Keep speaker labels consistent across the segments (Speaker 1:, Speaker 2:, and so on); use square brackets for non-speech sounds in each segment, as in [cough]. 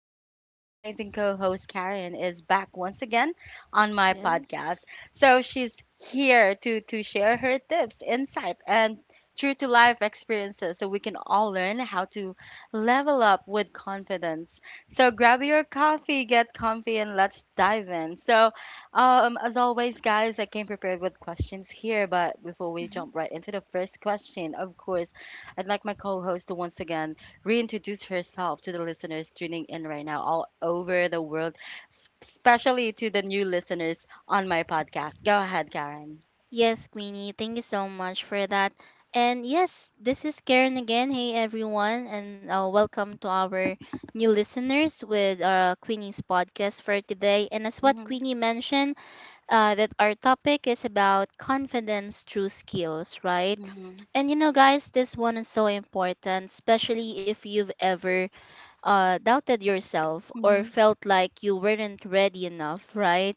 Speaker 1: because my amazing co host Karen is back once again on my
Speaker 2: Yes.
Speaker 1: podcast. So she's here to share her tips, insight, and true to life experiences so we can all learn how to level up with confidence. So grab your coffee, get comfy, and let's dive in. So, as always, guys, I came prepared with questions here, but before we
Speaker 2: Mhm.
Speaker 1: jump right into the first question, of course, I'd like my co host to once again reintroduce herself to the listeners tuning in right now all over the world, especially to the new listeners on my podcast. Go ahead, Karen.
Speaker 2: Yes, Queenie, thank you so much for that. And yes, this is Karen again. Hey, everyone, and welcome to our new listeners with Queenie's podcast for today. And as what
Speaker 1: Hmm.
Speaker 2: Queenie mentioned, that our topic is about confidence through skills, right?
Speaker 1: Hmm.
Speaker 2: And you know, guys, this one is so important, especially if you've ever doubted yourself or
Speaker 1: Hmm.
Speaker 2: felt like you weren't ready enough, right?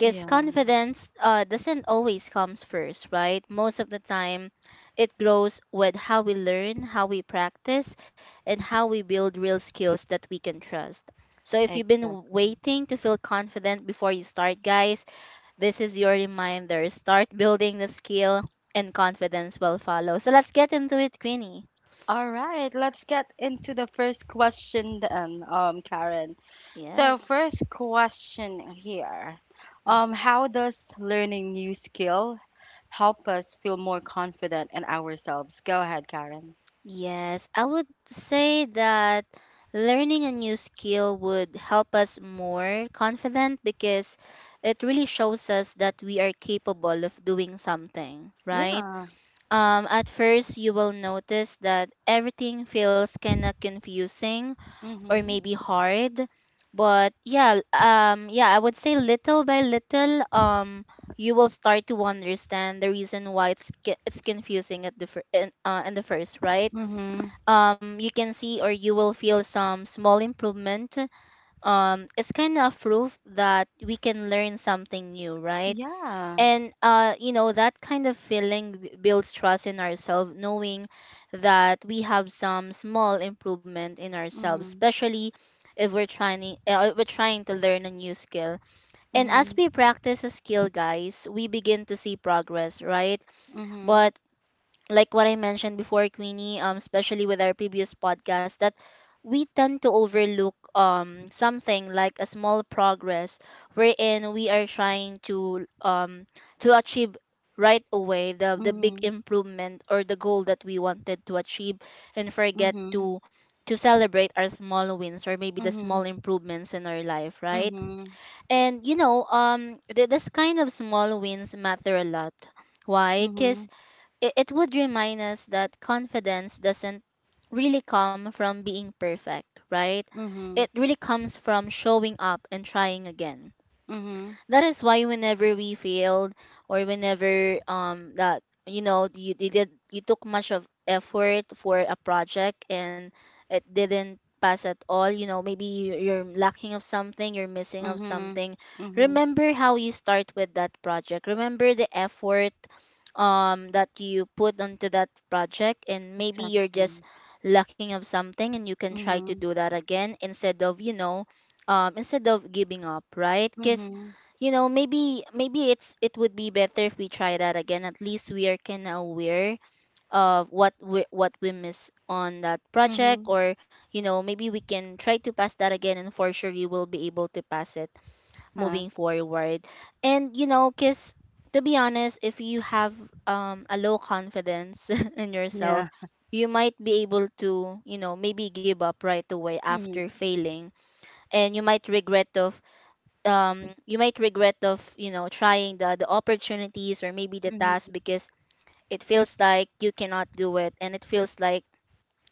Speaker 2: Because
Speaker 1: Yeah.
Speaker 2: confidence doesn't always comes first, right? Most of the time it grows with how we learn, how we practice, and how we build real skills that we can trust. So if you've been
Speaker 1: Exactly.
Speaker 2: waiting to feel confident before you start, guys, this is your reminder: start building the skill and confidence will follow. So let's get into it, Queenie.
Speaker 1: All right, let's get into the first question then, Karen. So,
Speaker 2: Yes.
Speaker 1: first question here. How does learning new skill help us feel more confident in ourselves? Go ahead, Karen.
Speaker 2: Yes, I would say that learning a new skill would help us more confident because it really shows us that we are capable of doing something, right?
Speaker 1: Yeah.
Speaker 2: At first, you will notice that everything feels kind of confusing or
Speaker 1: Mm-hmm.
Speaker 2: maybe hard, but yeah, I would say little by little, you will start to understand the reason why it's confusing in the first, right?
Speaker 1: Mm-hmm.
Speaker 2: You can see or you will feel some small improvement. It's kind of proof that we can learn something new, right?
Speaker 1: Yeah.
Speaker 2: And you know that kind of feeling builds trust in ourselves, knowing that we have some small improvement in ourselves,
Speaker 1: Mm-hmm.
Speaker 2: especially if we're trying to learn a new skill. And as
Speaker 1: Mm-hmm.
Speaker 2: we practice a skill, guys, we begin to see progress, right? But like what I mentioned before, Queenie, especially with our previous podcast, that we tend to overlook something like a small progress wherein we are trying to achieve right away the big
Speaker 1: Mm-hmm.
Speaker 2: improvement or the goal that we wanted to achieve, and forget
Speaker 1: Mm-hmm. Mm-hmm.
Speaker 2: to celebrate our small wins or maybe the
Speaker 1: Mm-hmm.
Speaker 2: small
Speaker 1: Mm-hmm.
Speaker 2: improvements in our life, right?
Speaker 1: Mm-hmm.
Speaker 2: And you know, this kind of small wins matter a lot. Why? 'Cause it would remind us that confidence doesn't really come from being perfect, right? It
Speaker 1: Mm-hmm.
Speaker 2: really comes from showing up and trying again.
Speaker 1: Mm-hmm.
Speaker 2: That is why whenever we failed, or whenever that you know you did, you took much of effort for a project and it didn't pass at all, you know, maybe you're lacking of something, you're missing of
Speaker 1: Mm-hmm.
Speaker 2: something.
Speaker 1: Mm-hmm.
Speaker 2: Remember how you start with that project. Remember the effort that you put onto that project, and maybe you're just
Speaker 1: Exactly.
Speaker 2: lacking of something, and you can try to
Speaker 1: Mm-hmm.
Speaker 2: do that again instead of you know instead of giving up, right? Cause
Speaker 1: Mm-hmm.
Speaker 2: you know, maybe it would be better if we try that again. At least we are kind of aware of what we, what we miss on that project.
Speaker 1: Mhm.
Speaker 2: Or you know, maybe we can try to pass that again and for sure you will be able to pass it
Speaker 1: Huh.
Speaker 2: moving forward. And you know, because to be honest, if you have a low confidence [laughs] in yourself,
Speaker 1: Yeah.
Speaker 2: you might be able to you know maybe give up right away after
Speaker 1: Mhm.
Speaker 2: failing, and you might regret of you might regret of you know trying the opportunities or maybe the task,
Speaker 1: Mhm.
Speaker 2: because it feels like you cannot do it and it feels like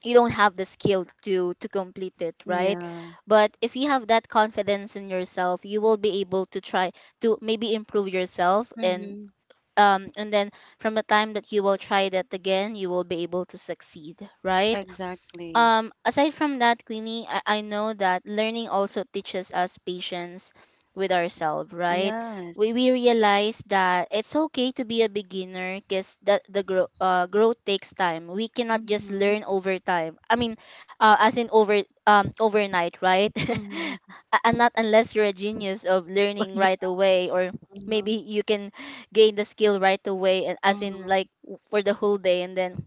Speaker 2: you don't have the skill to complete it, right?
Speaker 1: Yeah.
Speaker 2: But if you have that confidence in yourself, you will be able to try to maybe improve yourself,
Speaker 1: Mhm.
Speaker 2: and then from the time that you will try that again, you will be able to succeed, right?
Speaker 1: Exactly.
Speaker 2: Um, aside from that, Queenie, I know that learning also teaches us patience with ourselves, right?
Speaker 1: Yes.
Speaker 2: We realize that it's okay to be a beginner, because that the growth takes time. We cannot just
Speaker 1: Mhm.
Speaker 2: learn over time. I mean, as in over overnight, right?
Speaker 1: Mhm.
Speaker 2: [laughs] And not unless you're a genius of
Speaker 1: [laughs]
Speaker 2: learning
Speaker 1: Yeah.
Speaker 2: right away, or maybe
Speaker 1: Mhm.
Speaker 2: you can gain the skill right away, and as in like for the whole day, and then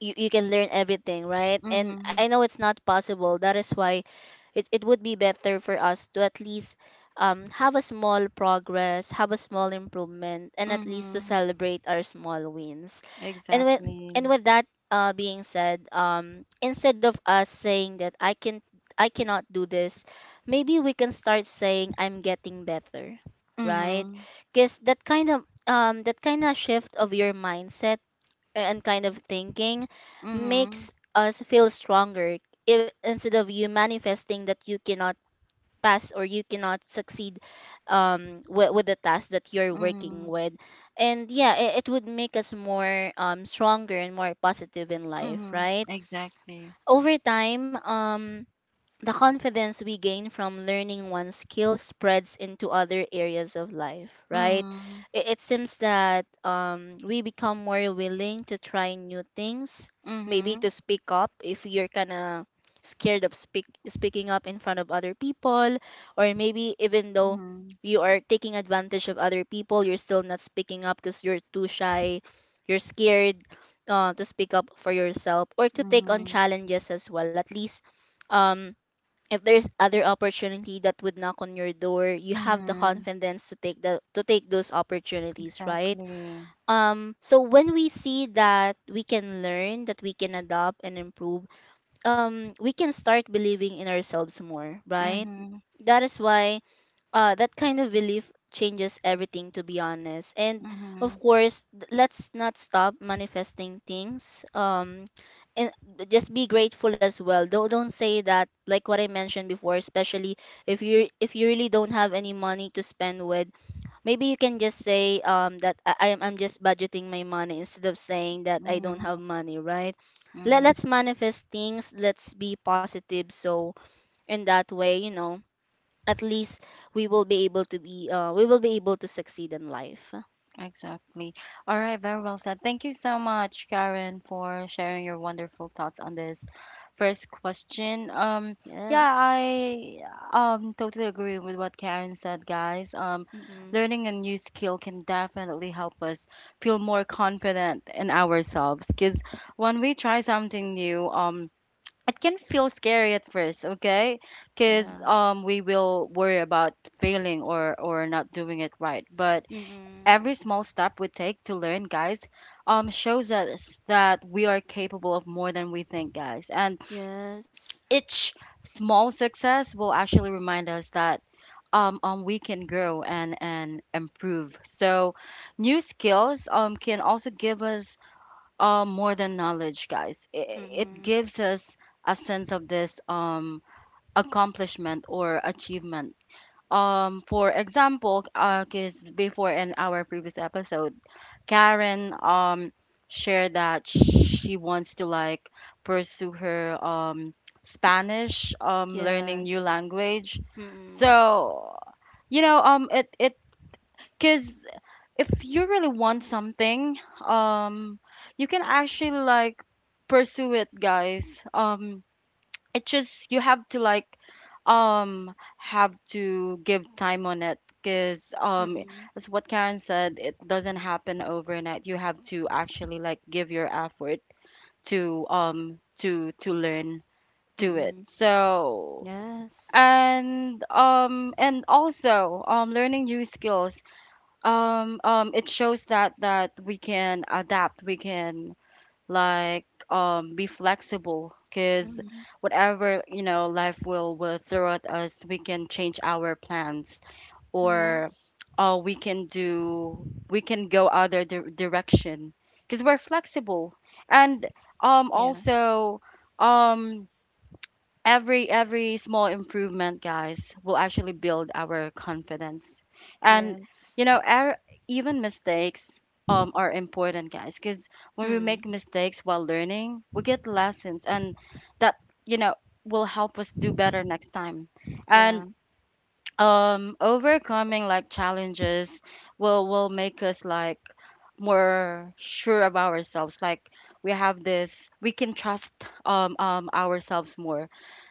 Speaker 2: you can learn everything, right?
Speaker 1: Mhm.
Speaker 2: And I
Speaker 1: Mhm.
Speaker 2: know it's not possible. That is why it would be better for us to at least have a small progress, have a small improvement, and at least to
Speaker 1: Mhm.
Speaker 2: celebrate our small wins. And with and
Speaker 1: Exactly.
Speaker 2: with that being said, instead of us saying that I cannot do this, maybe we can start saying I'm getting better, right?
Speaker 1: Mhm.
Speaker 2: Because that kind of shift of your mindset and kind of thinking
Speaker 1: Mhm.
Speaker 2: makes us feel stronger, if, instead of you manifesting that you cannot pass or you cannot succeed with the task that you're working
Speaker 1: Mhm.
Speaker 2: with. And yeah, it would make us more stronger and more positive in life,
Speaker 1: Mhm.
Speaker 2: right?
Speaker 1: Exactly.
Speaker 2: Over time, the confidence we gain from learning one skill spreads into other areas of life, right?
Speaker 1: Mhm.
Speaker 2: It seems that we become more willing to try new things, maybe
Speaker 1: Mhm.
Speaker 2: to speak up if you're kind of scared of speaking up in front of other people, or maybe even though
Speaker 1: Mhm.
Speaker 2: you are taking advantage of other people, you're still not speaking up because you're too shy, you're scared to speak up for yourself, or to take on
Speaker 1: Mhm.
Speaker 2: challenges as well. At least. Um, if there's other opportunity that would knock on your door, you have the
Speaker 1: Mhm.
Speaker 2: confidence to take the to take those opportunities, right?
Speaker 1: Exactly.
Speaker 2: Um, so when we see that we can learn, that we can adopt and improve, we can start believing in ourselves more, right?
Speaker 1: Mhm.
Speaker 2: That is why that kind of belief changes everything, to be honest. And of
Speaker 1: Mhm.
Speaker 2: course, let's not stop manifesting things, and just be grateful as well. Don't say that, like what I mentioned before, especially if you, if you really don't have any money to spend with, maybe you can just say that I'm just budgeting my money, instead of saying that I don't
Speaker 1: Mhm.
Speaker 2: have money, right? Let,
Speaker 1: Mhm.
Speaker 2: let's manifest things, let's be positive, so in that way, you know, at least we will be able to be we will be able to succeed in life.
Speaker 1: Exactly. All right, very well said. Thank you so much, Karen, for sharing your wonderful thoughts on this first question.
Speaker 2: Yes.
Speaker 1: Yeah, I totally agree with what Karen said, guys.
Speaker 2: Mm-hmm.
Speaker 1: Learning a new skill can definitely help us feel more confident in ourselves because when we try something new, it can feel scary at first, okay?
Speaker 2: Yeah.
Speaker 1: Because we will worry about failing or not doing it right, but
Speaker 2: Mm-hmm.
Speaker 1: every small step we take to learn, guys, shows us that we are capable of more than we think, guys. And
Speaker 2: Yes.
Speaker 1: each small success will actually remind us that we can grow and improve. So new skills can also give us more than knowledge, guys. It
Speaker 2: Mm-hmm.
Speaker 1: gives us a sense of this accomplishment or achievement. Um, for example, because before, in our previous episode, Karen shared that she wants to, like, pursue her Spanish, learning
Speaker 2: Yes.
Speaker 1: new language.
Speaker 2: Mm-hmm.
Speaker 1: So, you know, it it because if you really want something, um you can actually, like, pursue it, guys. It just you have to, like, have to give time on it. Because,
Speaker 2: Mm-hmm.
Speaker 1: as what Karen said, it doesn't happen overnight. You have to actually, like, give your effort to learn to
Speaker 2: Mm-hmm.
Speaker 1: it. So,
Speaker 2: Yes.
Speaker 1: and also, learning new skills, it shows that we can adapt. We can, like, be flexible because
Speaker 2: Mm-hmm.
Speaker 1: whatever, you know, life will throw at us, we can change our plans, or
Speaker 2: Yes.
Speaker 1: we can do, we can go other direction because we're flexible. And
Speaker 2: Yeah.
Speaker 1: also, um every small improvement, guys, will actually build our confidence. And,
Speaker 2: Yes.
Speaker 1: you know, our, even mistakes, are important, guys, because when we
Speaker 2: Mm-hmm.
Speaker 1: make mistakes while learning, we get lessons. And that, you know, will help us do better next time.
Speaker 2: Yeah.
Speaker 1: And overcoming, like, challenges will make us, like, more sure of ourselves. Like, we have this, we can trust, ourselves more.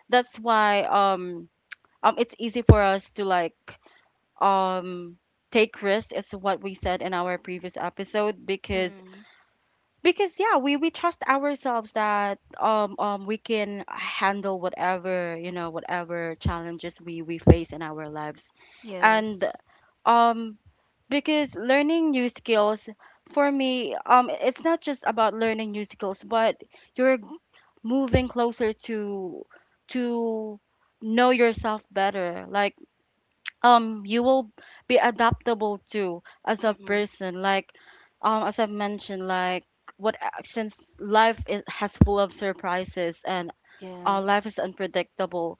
Speaker 1: That's why it's easy for us to, like, um take risks, is what we said in our previous episode, because,
Speaker 2: Mm-hmm.
Speaker 1: yeah, we trust ourselves that we can handle whatever, you know, whatever challenges we face in our lives. And
Speaker 2: Yes.
Speaker 1: um because learning new skills, for me, it's not just about learning new skills, but you're moving closer to know yourself better. Like, you will be adaptable to as a
Speaker 2: Mm-hmm.
Speaker 1: person, like, as I mentioned, like, what, since life is, has full of surprises, and our life
Speaker 2: Yes.
Speaker 1: is unpredictable.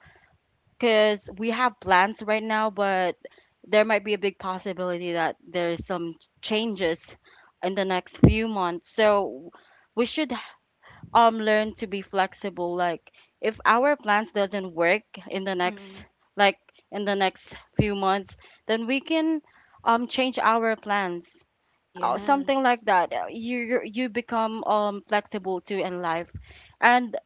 Speaker 1: Because we have plans right now, but there might be a big possibility that there's some changes in the next few months. So we should learn to be flexible. Like, if our plans doesn't work in the
Speaker 2: Mm-hmm.
Speaker 1: next, like, in the next few months, then we can change our plans. Something
Speaker 2: Yes.
Speaker 1: like that. You become flexible too in life. And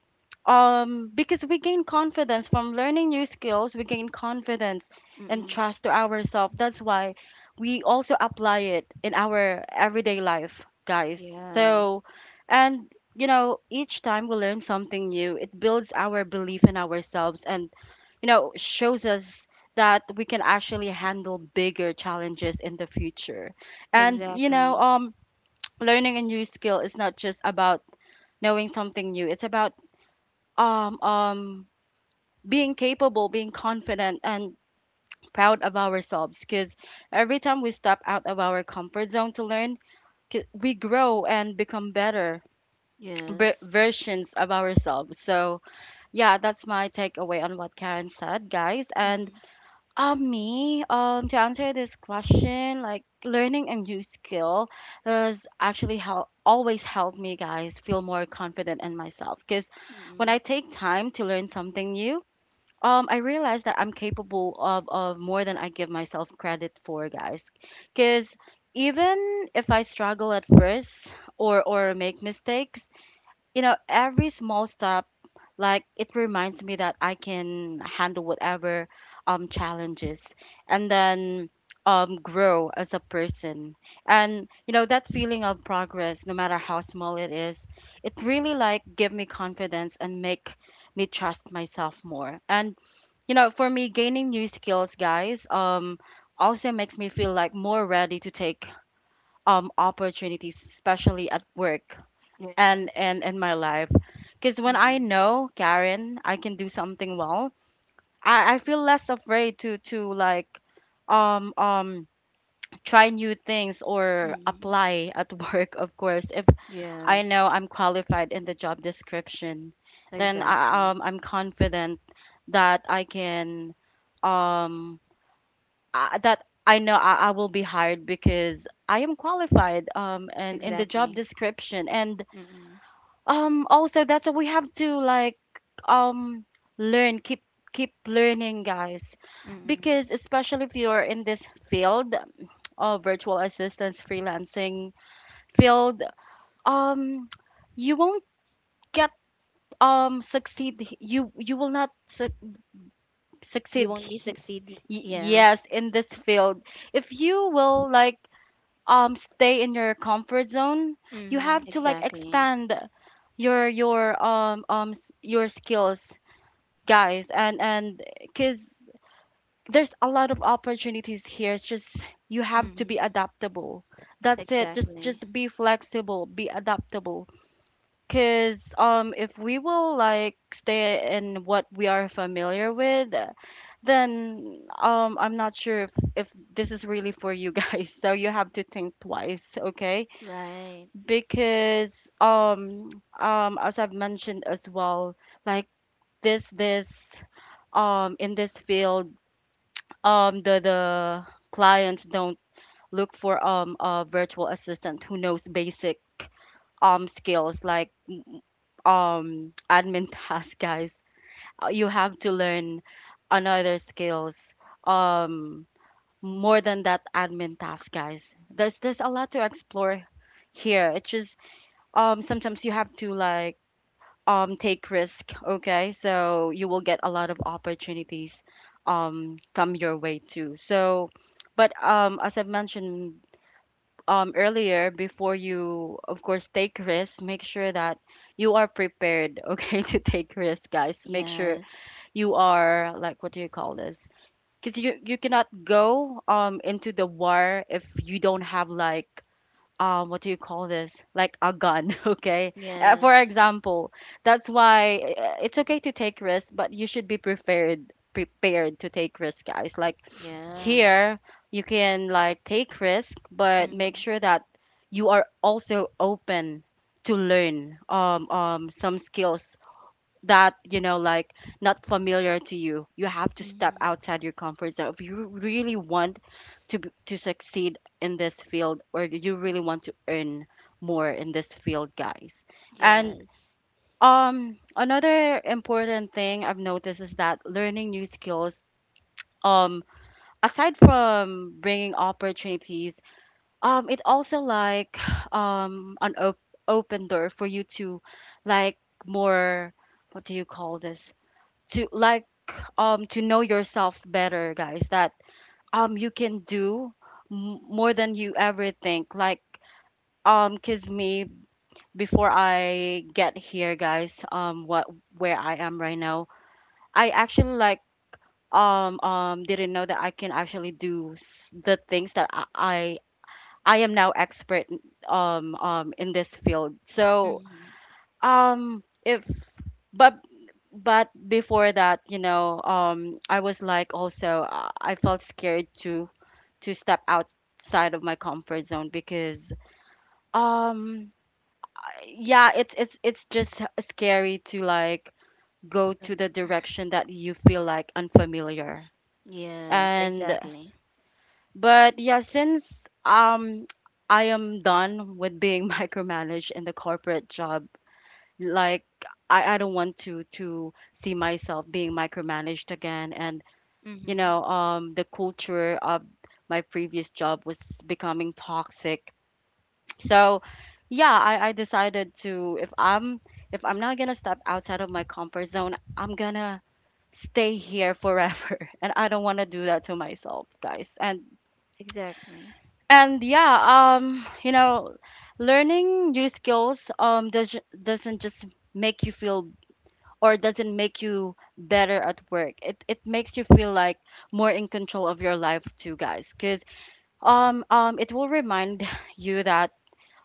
Speaker 1: because we gain confidence from learning new skills, we gain confidence and
Speaker 2: Mm-hmm.
Speaker 1: trust to ourselves. That's why we also apply it in our everyday life, guys.
Speaker 2: Yeah.
Speaker 1: So, and, you know, each time we learn something new, it builds our belief in ourselves, and, you know, shows us that we can actually handle bigger challenges in the future. And, you know,
Speaker 2: Exactly.
Speaker 1: [tsk] learning a new skill is not just about knowing something new. It's about um um being capable, being confident, and proud of ourselves. Because every time we step out of our comfort zone to learn, we grow and become better
Speaker 2: Yes.
Speaker 1: versions of ourselves. So, yeah, that's my takeaway on what Karen said, guys. And
Speaker 2: Mm-hmm.
Speaker 1: me, to answer this question, like, learning a new skill has actually help always helped me, guys, feel more confident in myself. Because when
Speaker 2: Mm-hmm.
Speaker 1: I take time to learn something new, I realized that I'm capable of more than I give myself credit for, guys. Cuz even if I struggle at first or make mistakes, you know, every small step, like, it reminds me that I can handle whatever challenges, and then grow as a person. And, you know, that feeling of progress, no matter how small it is, it really, like, give me confidence and make me trust myself more. And, you know, for me, gaining new skills, guys, also makes me feel, like, more ready to take opportunities, especially at work, and
Speaker 2: Yes.
Speaker 1: and in my life. Because when I
Speaker 2: Mm-hmm.
Speaker 1: know, Karen, I can do something well, I feel less afraid to like, um um try new things, or
Speaker 2: Mm,
Speaker 1: apply at [laughs] work, of course, if I know
Speaker 2: yes,
Speaker 1: I'm qualified in the job description. Then I,
Speaker 2: exactly,
Speaker 1: I'm confident that I can um that I know I will be hired because I am qualified and in the job
Speaker 2: exactly.
Speaker 1: description. And
Speaker 2: Mm-mm,
Speaker 1: also, that's what we have to, like, um learn, keep learning, guys.
Speaker 2: mm-mm.
Speaker 1: Because, especially if you're in this field of virtual assistance freelancing field, um you won't get succeed, you will not
Speaker 2: You
Speaker 1: succeed
Speaker 2: won't be succeeding. Yeah.
Speaker 1: yes in this field if you will, like, stay in your comfort zone. You
Speaker 2: Mm,
Speaker 1: have to, like,
Speaker 2: exactly.
Speaker 1: expand your your skills, guys. And because there's a lot of opportunities here, it's just you have to be
Speaker 2: Mm,
Speaker 1: adaptable. That's it. just
Speaker 2: exactly.
Speaker 1: just be flexible, be adaptable. Because, if we will, like, stay in what we are familiar with, then I'm not sure if this is really for you, guys. [laughs] So you have to think twice, okay?
Speaker 2: Right.
Speaker 1: Because as I've mentioned as well, like, this in this field, the clients don't look for a virtual assistant who knows basic skills, like, admin [laughs] tasks, guys. You have to learn another skills, um more than that admin task, guys. There's a lot to explore here. It's just sometimes you have to, like, take risk, okay, so you will get a lot of opportunities come your way too. So, but as I've mentioned earlier, before you, of course, take risk, make sure that you are prepared, okay, [laughs] to take risk, guys. Make sure
Speaker 2: Yes.
Speaker 1: you are, like, what do you call this. Because you cannot go into the war if you don't have, like, what do you call this, like a gun [laughs] okay, for
Speaker 2: Yes.
Speaker 1: example. That's why, it's okay to take risks, but you should be prepared to take risks, guys. Like,
Speaker 2: Yeah.
Speaker 1: here you can, like, take risk, but make
Speaker 2: Mm,
Speaker 1: sure that you are also open to learn some skills that you know, like, not familiar to you. You have to step
Speaker 2: mm,
Speaker 1: outside your comfort zone if you really want to to succeed in this field, or you really want to earn more in this field, guys. And
Speaker 2: yes.
Speaker 1: another important thing I've noticed is that learning new skills, um aside from bringing opportunities, it also, like, [sighs] um an op- open door for you to, like, more, what do you call this, to like, to know yourself better, guys. That you can do more than you ever think. Like, cuz me, before I get here, guys, what, where I am right now, I actually, like, didn't know that I can actually do the things that I am now expert in this field. So
Speaker 2: Mm,
Speaker 1: if but But before that, I was like also I felt scared to step outside of my comfort zone because um yeah, it's just scary to like go to
Speaker 2: mm.
Speaker 1: the direction that you feel like unfamiliar.
Speaker 2: Yes.
Speaker 1: And
Speaker 2: Exactly.
Speaker 1: but yeah, since I am done with being [laughs] micromanaged in the corporate job, like I don't want to see myself being micromanaged again. And you
Speaker 2: Mm,
Speaker 1: know, the culture of my previous job was becoming toxic. So, yeah, I decided to, if I'm not gonna step outside of my comfort zone, I'm gonna stay here forever, [laughs] and I don't want to do that to myself, guys. And
Speaker 2: exactly.
Speaker 1: and yeah, learning new skills doesn't just make you feel, or doesn't make you better at work. It makes you feel like more in control of your life too, guys. Cause it will remind [laughs] you that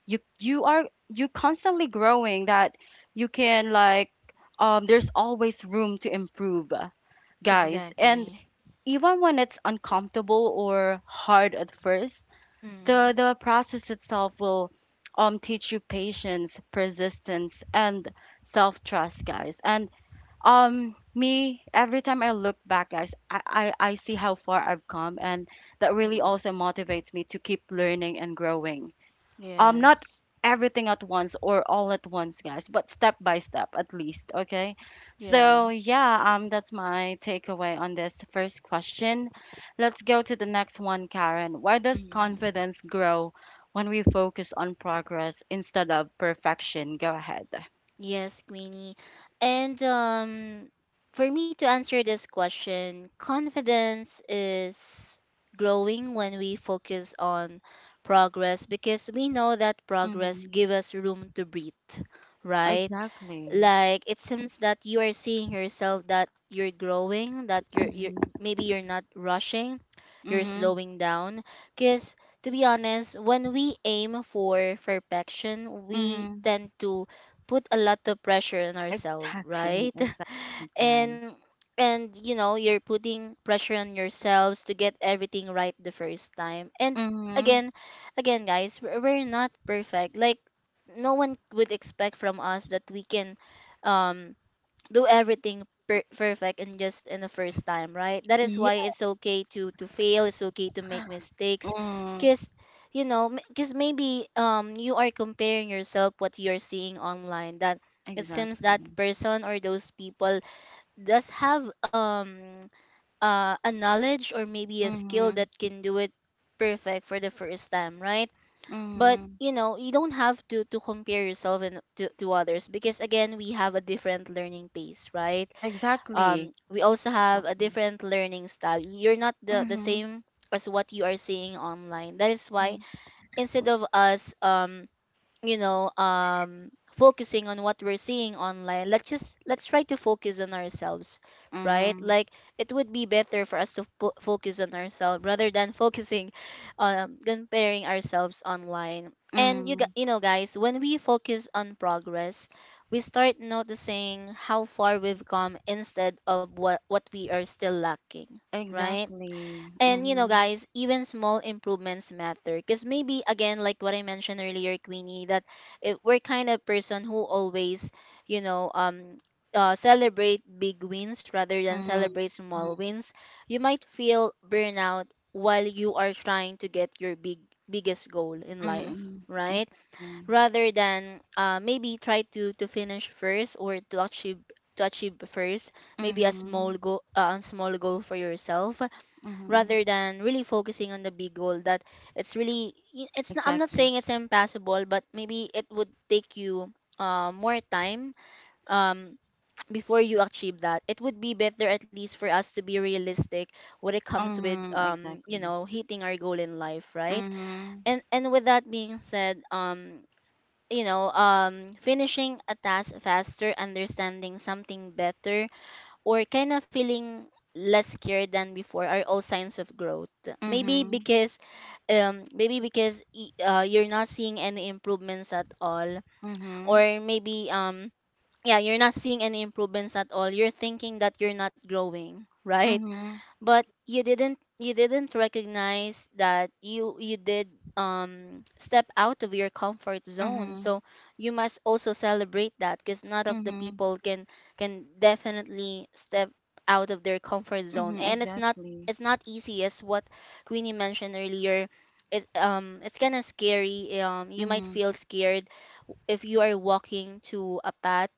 Speaker 1: you are you constantly growing, that you can like there's always room to improve, guys. And
Speaker 2: Exactly.
Speaker 1: even when it's uncomfortable or hard at first, the
Speaker 2: Mm,
Speaker 1: the process itself will teach you patience, persistence, and self-trust, guys. And me, every time I look back, guys, I see how far I've come, and that really
Speaker 2: mm.
Speaker 1: also motivates me to keep learning and growing, not
Speaker 2: Yes.
Speaker 1: everything at once or all at once, guys, but step by step at least, okay?
Speaker 2: Yeah.
Speaker 1: So yeah, that's my takeaway on this first question. Let's go to the next one, Karen. Why does
Speaker 2: Mm,
Speaker 1: confidence grow when we focus on progress instead of perfection? Go ahead.
Speaker 2: Yes, Queenie. And for me to answer this question, confidence is growing when we focus on progress, because we know that progress
Speaker 1: Mhm.
Speaker 2: gives us room to breathe, right?
Speaker 1: Exactly.
Speaker 2: Like it seems that you are seeing yourself that you're growing, that you're maybe you're not rushing, you're
Speaker 1: Mhm,
Speaker 2: slowing down, because to be honest when we aim for perfection we
Speaker 1: mhm.
Speaker 2: tend to put a lot of pressure on ourselves,
Speaker 1: Exactly,
Speaker 2: right?
Speaker 1: exactly, Karen.
Speaker 2: And and you know, you're putting pressure on yourselves to get everything right the first time, and
Speaker 1: Mhm.
Speaker 2: again, again guys, we're not perfect. Like no one would expect from us that we can um do everything perfect and just in the first time, right? That is
Speaker 1: Yeah.
Speaker 2: why it's okay to fail, it's okay to make mistakes.
Speaker 1: Mm,
Speaker 2: Because you know, because maybe you are comparing yourself what you're seeing online, that it seems that
Speaker 1: exactly.
Speaker 2: person or those people does have a knowledge or maybe a skill that
Speaker 1: Mhm,
Speaker 2: can do it perfect for the first time, right? But
Speaker 1: mhm.
Speaker 2: you know, you don't have to compare yourself and to others, because again we have a different learning pace, right?
Speaker 1: Exactly.
Speaker 2: Um, we also have a
Speaker 1: Exactly.
Speaker 2: different learning style. You're not the
Speaker 1: Mhm,
Speaker 2: same as what you are seeing online. That is why,
Speaker 1: mhm,
Speaker 2: instead of us you know focusing on what we're seeing online, let's just let's try to focus on ourselves, right?
Speaker 1: mhm,
Speaker 2: Like it would be better for us to focus on ourselves rather than [laughs] focusing on comparing ourselves online. And you
Speaker 1: mhm.
Speaker 2: you know guys, when we focus on progress we start noticing how far we've come instead of what we are still lacking, right?
Speaker 1: Exactly.
Speaker 2: And you know,
Speaker 1: Mhm,
Speaker 2: guys, even small improvements matter. Because maybe again, like what I mentioned earlier, Queenie, that if we're kind of person who always, you know, celebrate big wins rather than
Speaker 1: mhm,
Speaker 2: celebrate small
Speaker 1: mhm,
Speaker 2: wins, you might feel burnout while you are trying to get your biggest goal in life,
Speaker 1: mhm.
Speaker 2: right?
Speaker 1: Exactly.
Speaker 2: Rather than maybe try to finish first or to achieve first maybe
Speaker 1: Mhm,
Speaker 2: a small goal for yourself
Speaker 1: mhm.
Speaker 2: rather than really focusing on the big goal that it's not, I'm not
Speaker 1: Exactly.
Speaker 2: saying it's impossible, but maybe it would take you more time, um, [tsk] before you achieve that. It would be better, at least for us, to be realistic when it comes with
Speaker 1: Mhm,
Speaker 2: you
Speaker 1: exactly.
Speaker 2: know, hitting our goal in life, right?
Speaker 1: Mhm,
Speaker 2: And with that being said, you know, finishing a task faster, understanding something better, or kind of feeling less secure than before are all signs of growth. Maybe
Speaker 1: mhm,
Speaker 2: because maybe because you're not seeing any improvements at all,
Speaker 1: mhm,
Speaker 2: or maybe, yeah, you're not seeing any improvements at all, you're thinking that you're not growing, [laughs] right?
Speaker 1: mhm,
Speaker 2: But you didn't recognize that you did step out of your comfort zone.
Speaker 1: mhm,
Speaker 2: So you must also celebrate that, because not of the
Speaker 1: mhm,
Speaker 2: people can definitely step out of their comfort zone,
Speaker 1: mhm.
Speaker 2: and it's not
Speaker 1: Exactly.
Speaker 2: it's not easy as what Queenie mentioned earlier. It it's kind of scary. You might
Speaker 1: Mhm.
Speaker 2: feel scared if you are walking to a path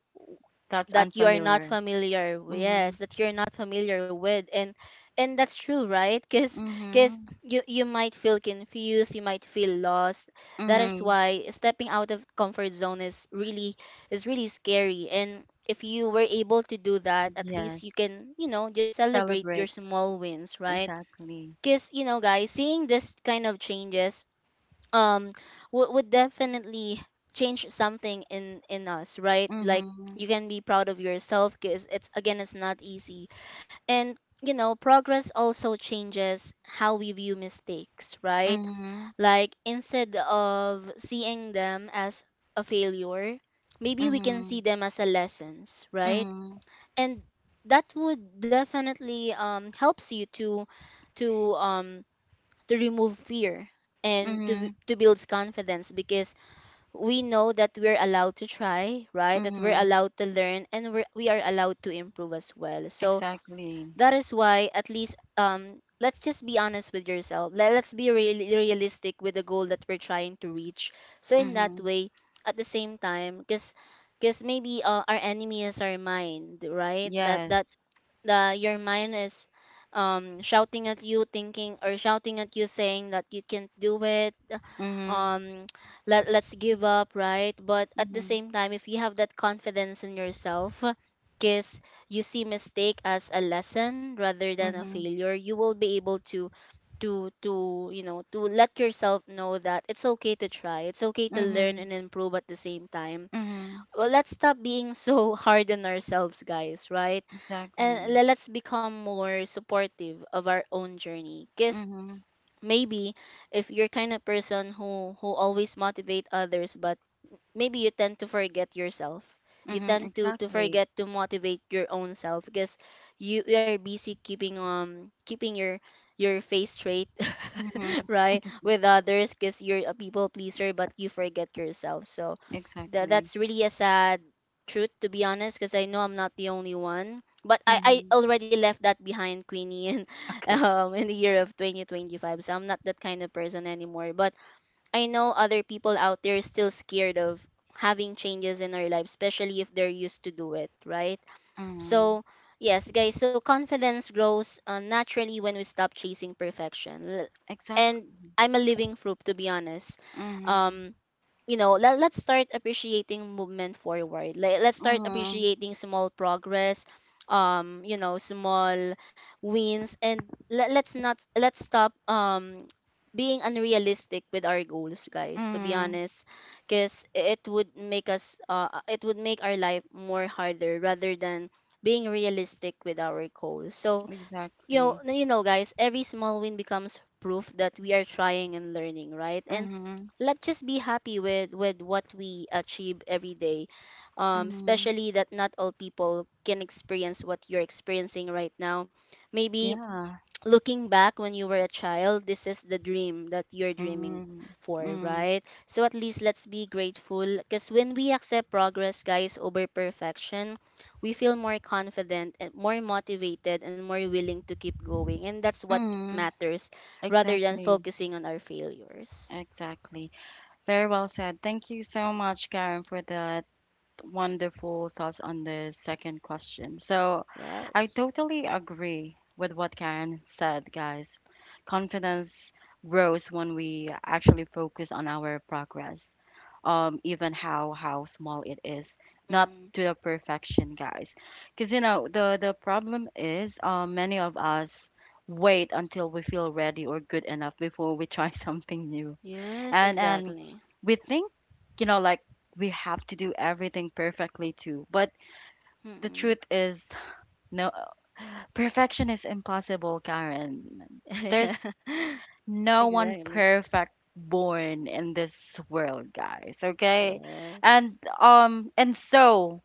Speaker 1: That's
Speaker 2: that you are not
Speaker 1: unfamiliar.
Speaker 2: familiar with. Yes,
Speaker 1: Mhm.
Speaker 2: that you're not familiar with. And that's true, right? Because
Speaker 1: Mhm.
Speaker 2: you might feel confused, you might feel lost. That is why
Speaker 1: Mhm.
Speaker 2: stepping out of comfort zone is really scary. And if you were able to do that, at least
Speaker 1: Yes.
Speaker 2: you can, you know, just celebrate your
Speaker 1: Celebrate.
Speaker 2: small wins, right?
Speaker 1: Exactly.
Speaker 2: Because, you know, guys, seeing this kind of changes, um would definitely change something in us, right? Like you
Speaker 1: Mhm.
Speaker 2: can be proud of yourself, because it's, again, it's not easy. And, you know, progress also changes how we view mistakes, right?
Speaker 1: Mhm.
Speaker 2: Like instead of seeing them as a failure, maybe we can see
Speaker 1: Mhm.
Speaker 2: them as a lessons, right?
Speaker 1: Mhm.
Speaker 2: And that would definitely helps you to to um to remove fear and to,
Speaker 1: Mhm.
Speaker 2: build confidence. Because we know that we're allowed to try, right? That we're
Speaker 1: Mhm.
Speaker 2: allowed to learn, and we are allowed to improve as well. So
Speaker 1: Exactly.
Speaker 2: that is why, at least, let's just be honest with yourself. Let Let's be really realistic with the goal that we're trying to reach. So in that
Speaker 1: Mhm.
Speaker 2: way, at the same time, because maybe our enemy is our mind, right? That
Speaker 1: Yes.
Speaker 2: the your mind is shouting at you, thinking or shouting at you, saying that you can't do it.
Speaker 1: Mhm.
Speaker 2: um Let, let's give up, right? But at the
Speaker 1: Mhm.
Speaker 2: same time, if you have that confidence in yourself, because you see mistake as a lesson rather than a
Speaker 1: Mhm.
Speaker 2: failure, you will be able to you know, to let yourself know that it's okay to try, it's okay to learn
Speaker 1: Mhm.
Speaker 2: and improve at the same time.
Speaker 1: Mhm.
Speaker 2: Well, let's stop being so [laughs] hard on ourselves, guys, right? And
Speaker 1: Exactly.
Speaker 2: let's become more supportive of our own journey. Because
Speaker 1: Mhm.
Speaker 2: maybe if you're kind of person who always motivate others, but maybe you tend to forget yourself. You
Speaker 1: Mhm.
Speaker 2: tend to,
Speaker 1: Exactly.
Speaker 2: forget to motivate your own self, because you are busy keeping, keeping your face straight. [laughs]
Speaker 1: Mhm.
Speaker 2: Right, with others, because you're a people pleaser, but you forget yourself. So tha
Speaker 1: Exactly.
Speaker 2: that's really a sad truth, to be honest, because I know I'm not the only one. But I
Speaker 1: Mhm.
Speaker 2: already left that behind, Queenie, in, [laughs]
Speaker 1: Okay.
Speaker 2: in the year of 2025. So I'm not that kind of person anymore. But I know other people out there is still scared of having changes in their life, especially if they're used to do it, right?
Speaker 1: Mhm.
Speaker 2: So, yes, guys, so confidence grows naturally when we stop chasing perfection. And
Speaker 1: Exactly.
Speaker 2: I'm a living proof, to be honest.
Speaker 1: Mhm.
Speaker 2: Um, you know, let, let's start appreciating movement forward. Let, let's start
Speaker 1: Mhm.
Speaker 2: appreciating small progress, you know, small wins. And let, let's not let's stop being unrealistic with our goals, guys, to be
Speaker 1: Mhm.
Speaker 2: honest. Because it would make us it would make our life more harder rather than being realistic with our goals. So, you know,
Speaker 1: Exactly.
Speaker 2: you know, guys, every small win becomes proof that we are trying and learning, right? And
Speaker 1: Mhm,
Speaker 2: let's just be happy with what we achieve every day,
Speaker 1: mhm.
Speaker 2: especially that not all people can experience what you're experiencing right now. Maybe
Speaker 1: Yeah.
Speaker 2: looking back, when you were a child, this is the dream that you're dreaming
Speaker 1: Mhm.
Speaker 2: for,
Speaker 1: Mm.
Speaker 2: right? So at least let's be grateful, because when we accept progress, guys, over perfection, we feel more confident and more motivated and more willing to keep going. And that's what
Speaker 1: Mm.
Speaker 2: matters rather than
Speaker 1: Exactly.
Speaker 2: focusing on our failures.
Speaker 1: Exactly. Very well said. Thank you so much, Karen, for that wonderful thoughts on the second question. So, I
Speaker 2: Yes.
Speaker 1: totally agree with what Karen said, guys. Confidence grows when we actually focus on our progress, even how small it is, not
Speaker 2: Mm.
Speaker 1: to the perfection, guys. Because you know the problem is, many of us wait until we feel ready or good enough before we try [laughs] something new.
Speaker 2: Yes,
Speaker 1: And
Speaker 2: exactly.
Speaker 1: We think, you know, like we have to do everything perfectly too, but the truth
Speaker 2: Mm-mm.
Speaker 1: is, no, perfection is impossible, Karen.
Speaker 2: [laughs] Yeah.
Speaker 1: There's
Speaker 2: [laughs]
Speaker 1: no one
Speaker 2: Exactly.
Speaker 1: perfect born in this world, guys, okay?
Speaker 2: Yes.
Speaker 1: and um and so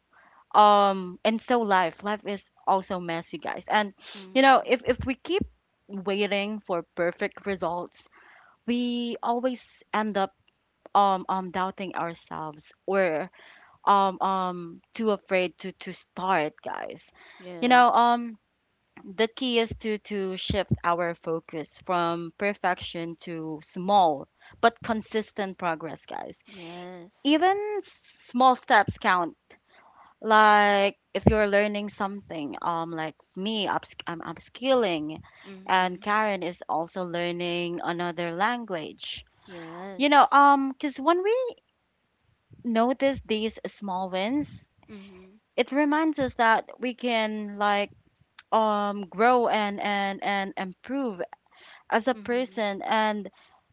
Speaker 1: um and so life is also messy, guys. And you know,
Speaker 2: Mm.
Speaker 1: if we keep waiting for perfect results, we always end up doubting ourselves, or too afraid to start, guys. You
Speaker 2: Yes.
Speaker 1: know, the key is to shift our focus from perfection to small but consistent progress, guys.
Speaker 2: Yes.
Speaker 1: Even small steps count, like if you're learning something, like me, I'm upskilling,
Speaker 2: Mm-hmm.
Speaker 1: and Karen is also learning another language. You know,
Speaker 2: Yes.
Speaker 1: cuz when we notice these small wins,
Speaker 2: Mm-hmm.
Speaker 1: it reminds us that we can like grow and improve as a
Speaker 2: Mm-hmm.
Speaker 1: person. And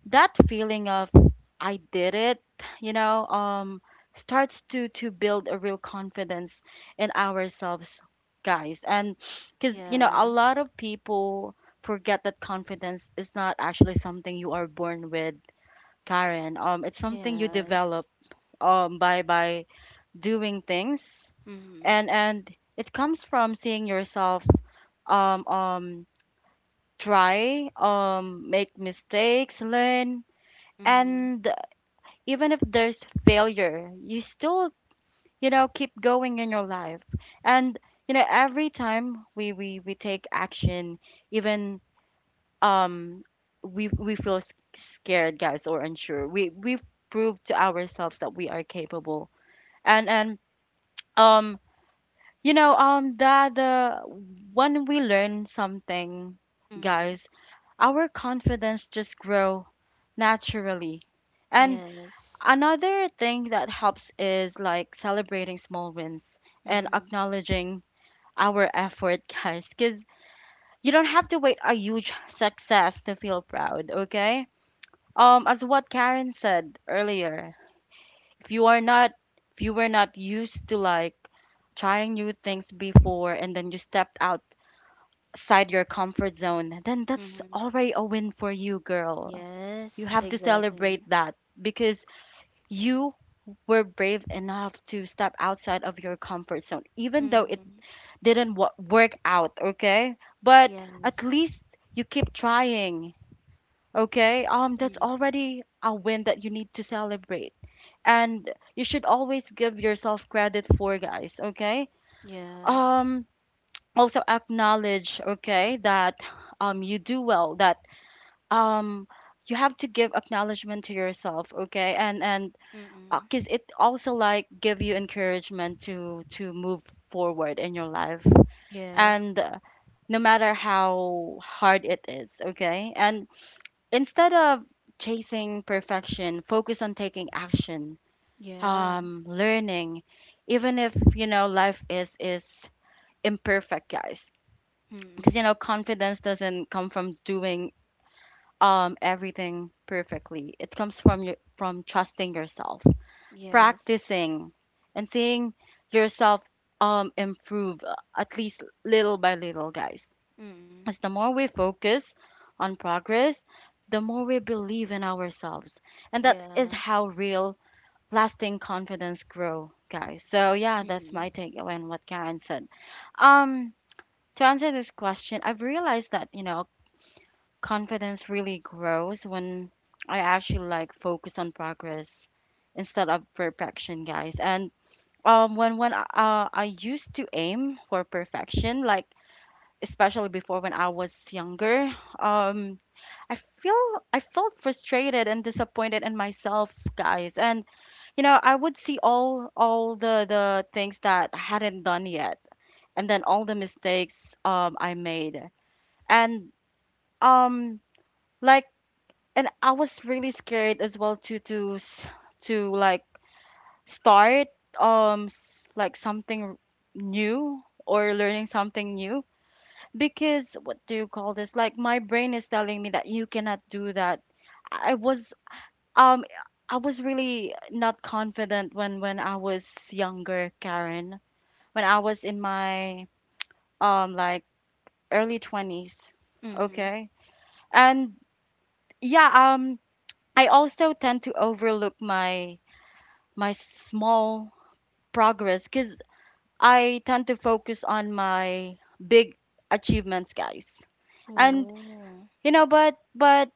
Speaker 1: that feeling of "I did it," you know, starts to build a real confidence in ourselves, guys. And Cuz you know,
Speaker 2: Yeah.
Speaker 1: a lot of people forget that confidence is not actually something you are born with, Karen. It's something you
Speaker 2: Yes.
Speaker 1: develop by doing things.
Speaker 2: Mm-hmm.
Speaker 1: And It comes from seeing yourself um um try, make mistakes, learn,
Speaker 2: Mm-hmm.
Speaker 1: and even if there's failure, you still, you know, keep going in your life. And you know, every time we take action, even um we feel scared, guys, or unsure, we prove to ourselves that we are capable. And um You know, the when we learn something,
Speaker 2: Mm-hmm.
Speaker 1: guys, our confidence just grow naturally. And
Speaker 2: Yes.
Speaker 1: another thing that helps is like celebrating small wins and
Speaker 2: Mm-hmm.
Speaker 1: acknowledging our effort, [laughs] guys, because you don't have to wait a huge success to feel proud, okay? As what Karen said earlier, if you are not if you were not used to like trying new things before, and then you stepped out outside your comfort zone, then that's
Speaker 2: Mm-hmm.
Speaker 1: already a win for you, girl. You
Speaker 2: Yes,
Speaker 1: have to
Speaker 2: exactly.
Speaker 1: celebrate that, because you were brave enough to step outside of your comfort zone, even though
Speaker 2: Mm-hmm.
Speaker 1: it didn't work out, okay? But at
Speaker 2: Yes.
Speaker 1: least you keep trying, okay? That's
Speaker 2: Mm-hmm.
Speaker 1: already a win that you need to celebrate. And you should always give yourself credit for, guys, okay?
Speaker 2: Yeah.
Speaker 1: Um, also acknowledge, okay, that you do well, that um you have to give acknowledgement to yourself, okay? And
Speaker 2: Mm-hmm.
Speaker 1: because it also like give you encouragement to move forward in your life, and
Speaker 2: Yes.
Speaker 1: no matter how hard it is, okay. And instead of chasing perfection, focus on taking action,
Speaker 2: Yes.
Speaker 1: learning, even if you know life is imperfect, guys. Because
Speaker 2: Mm-hmm.
Speaker 1: you know, confidence doesn't come from doing everything perfectly. It comes from from trusting yourself,
Speaker 2: Yes.
Speaker 1: practicing, and seeing yourself improve, at least little by little, guys.
Speaker 2: Mm-hmm.
Speaker 1: As the more we focus on progress, the more we believe in ourselves, and that is
Speaker 2: Yeah.
Speaker 1: how real lasting confidence grow, guys. So yeah, that's
Speaker 2: Mm-hmm.
Speaker 1: my takeaway on what Karen said. Um, to answer this question, I've realized that you know, confidence really grows when I actually like focus on progress instead of perfection, guys. And When I used to aim for perfection, like especially before when I was younger, um, I feel I felt frustrated and disappointed in myself, guys. And you know, I would see all the things that I hadn't done yet, and then all the mistakes I made, and um like and I was really scared as well to like start like something new, or learning something new, because what do you call this? Like my brain is telling me that you cannot do that. I was um I was really not confident when I was younger, Karen. When I was in my like early 20s,
Speaker 2: Mm-hmm.
Speaker 1: okay? And yeah, I also tend to overlook my small progress, because I tend to focus on my big achievements, guys. And
Speaker 2: Oh.
Speaker 1: you know, but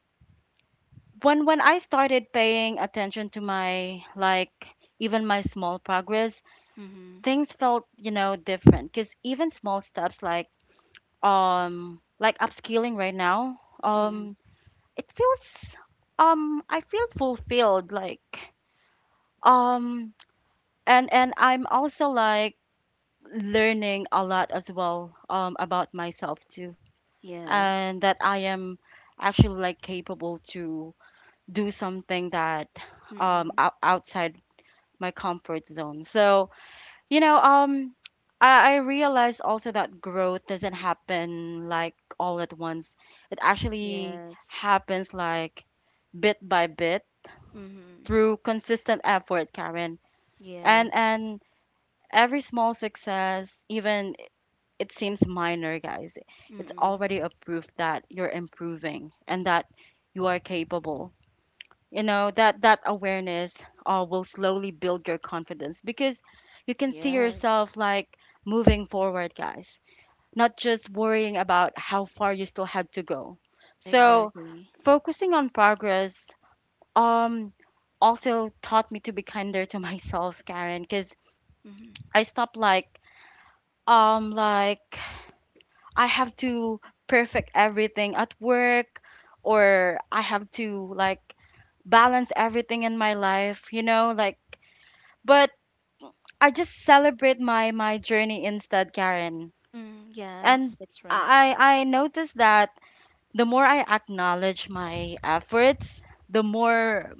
Speaker 1: when I started paying attention to my, like, even my small progress,
Speaker 2: Mm-hmm.
Speaker 1: things felt, you know, different, because even small steps, like upskilling right now,
Speaker 2: Mm-hmm.
Speaker 1: um it feels, I feel fulfilled, like um and I'm also like learning a lot as well, about myself too,
Speaker 2: Yes.
Speaker 1: and that I am actually like capable to do something that
Speaker 2: Mm-hmm.
Speaker 1: outside my comfort zone. So you know, I realized also that growth doesn't happen like all at once. It actually
Speaker 2: Yes.
Speaker 1: happens like bit by bit
Speaker 2: Mm-hmm.
Speaker 1: through consistent effort, Karen. and
Speaker 2: Yes.
Speaker 1: and every small success, even it seems minor, guys, it's
Speaker 2: Mm-mm.
Speaker 1: already a proof that you're improving and that you are capable. You know, that awareness, will slowly build your confidence because you can see
Speaker 2: Yes.
Speaker 1: yourself like moving forward, guys, not just worrying about how far you still had to go. So,
Speaker 2: Exactly.
Speaker 1: focusing on progress um also taught me to be kinder to [laughs] myself, Karen, because
Speaker 2: Mm-hmm.
Speaker 1: I stopped, like, I have to perfect everything at work, or I have to like balance everything in my life, you know, like, but I just celebrate my journey instead, Karen.
Speaker 2: Mm,
Speaker 1: And
Speaker 2: yes, that's right.
Speaker 1: I noticed that the more I acknowledge my efforts, the more,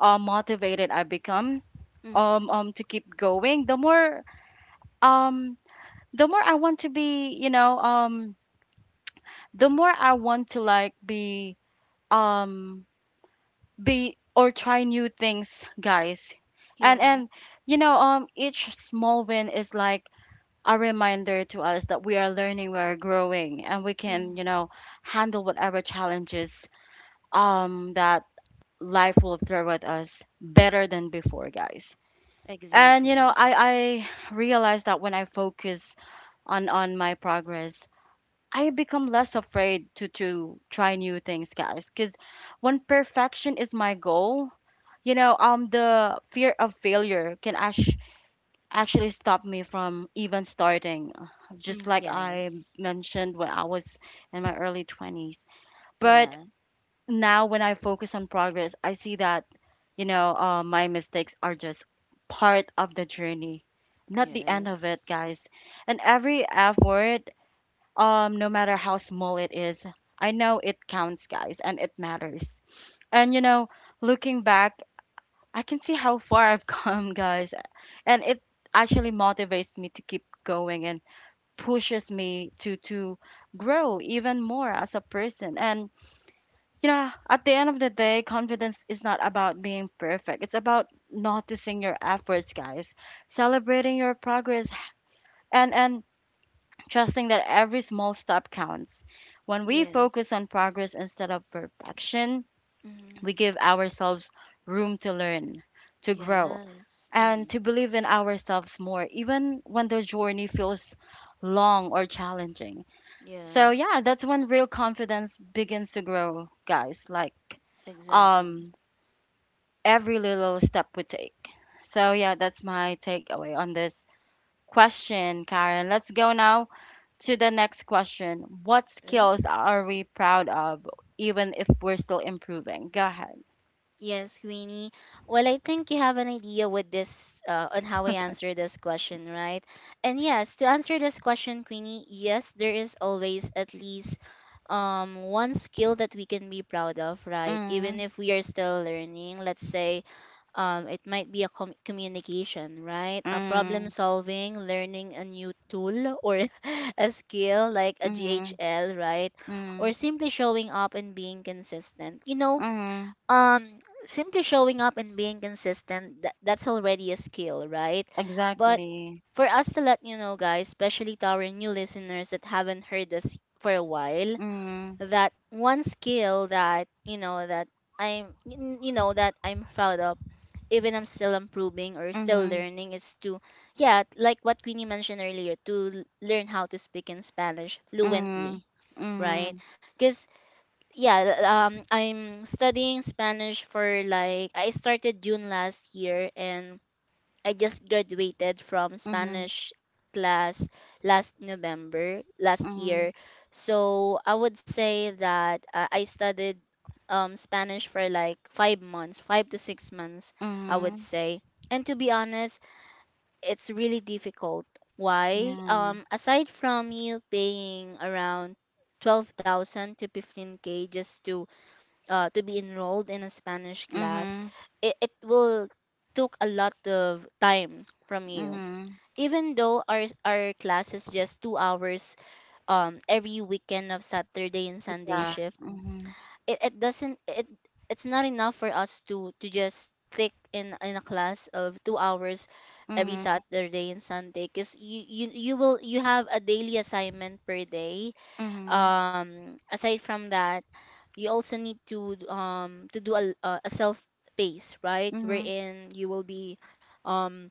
Speaker 1: motivated I become
Speaker 2: Mm-hmm.
Speaker 1: to keep going, the more um I want to be, you know, the more I want to like be, um be or try new things, guys. And
Speaker 2: Yeah.
Speaker 1: and you know, each small win is like a reminder to us that we are learning, we are growing, and we can, you
Speaker 2: Mm-hmm.
Speaker 1: know, handle whatever challenges that life will throw at us better than before, guys. And you know,
Speaker 2: Exactly.
Speaker 1: I realize that when I focus on my progress, I become less afraid to try new things, guys, cuz when perfection is my goal, the fear of failure can actually stop me from even starting, just
Speaker 2: Mm,
Speaker 1: like I
Speaker 2: yes.
Speaker 1: mentioned when I was in my early 20s. But
Speaker 2: Yeah.
Speaker 1: now when I focus on progress, I see that, my mistakes are just part of the journey, not the end of
Speaker 2: Yes.
Speaker 1: it, guys. And every effort, no matter how small it is, I know it counts, guys, and it matters. And you know, looking back, I can see how far I've [laughs] come, guys. And it actually motivates me to keep going and pushes me to grow even more as a person. And you know, at the end of the day, confidence is not about being perfect. It's about noticing your efforts, guys. Celebrating your progress and trusting that every small step counts. When we focus
Speaker 2: Yes.
Speaker 1: on progress instead of perfection,
Speaker 2: Mm-hmm.
Speaker 1: we give ourselves room to learn, to grow,
Speaker 2: Yes.
Speaker 1: and
Speaker 2: Mm-hmm.
Speaker 1: to believe in ourselves more, even when the journey feels long or challenging. So
Speaker 2: Yeah.
Speaker 1: yeah, that's when real confidence begins to grow, guys. Like
Speaker 2: Exactly.
Speaker 1: um every little step we take. So yeah, that's my takeaway on this question, Karen. Let's go now to the next question. What skills
Speaker 2: Yes.
Speaker 1: are we proud of even if we're still improving? Go ahead.
Speaker 2: Yes, Queenie. Well, I think you have an idea with this, on how I answer this question, right? And yes, to answer this question, Queenie, yes, there is always at least one skill that we can be proud of, right? Even
Speaker 1: Mm,
Speaker 2: if we are still learning, let's say it might be a communication, right? A problem
Speaker 1: mm,
Speaker 2: solving, learning a new tool, or [laughs] a skill like a
Speaker 1: mm,
Speaker 2: GHL, right? Or
Speaker 1: mm,
Speaker 2: simply showing up and being consistent. You know,
Speaker 1: mm.
Speaker 2: um simply showing up and being consistent, that, that's already a skill, right? But
Speaker 1: Exactly.
Speaker 2: for us to let you know, guys, especially to our new listeners that haven't heard this for a while,
Speaker 1: Mhm,
Speaker 2: that one skill that you know that you know that I'm proud of, even I'm still improving or still
Speaker 1: mhm,
Speaker 2: learning, is to, yeah, like what Queenie mentioned earlier, to learn how to speak in Spanish
Speaker 1: mhm,
Speaker 2: fluently, right?
Speaker 1: mhm,
Speaker 2: Because, yeah, I'm studying Spanish for like, I started June last year, and I just graduated from
Speaker 1: mhm,
Speaker 2: Spanish class last November last
Speaker 1: mhm,
Speaker 2: year. So I would say that I studied Spanish for like 5 months, 5 to 6 months, I would
Speaker 1: mhm,
Speaker 2: say. And to be honest, it's really difficult. Why?
Speaker 1: yeah,
Speaker 2: Aside from you paying around 12,000 to 15K just to, to be enrolled in a Spanish class,
Speaker 1: mhm,
Speaker 2: it will took a lot of time from you.
Speaker 1: mhm,
Speaker 2: Even though our class is just 2 hours, every weekend of Saturday and Sunday
Speaker 1: yeah,
Speaker 2: shift,
Speaker 1: mhm,
Speaker 2: it doesn't it's not enough for us to just click in a class of 2 hours every
Speaker 1: mhm,
Speaker 2: Saturday and Sunday, because you will you have a daily assignment per day.
Speaker 1: mhm,
Speaker 2: Aside from that, you also need to do a, self pace, right?
Speaker 1: mhm,
Speaker 2: Wherein you will be, um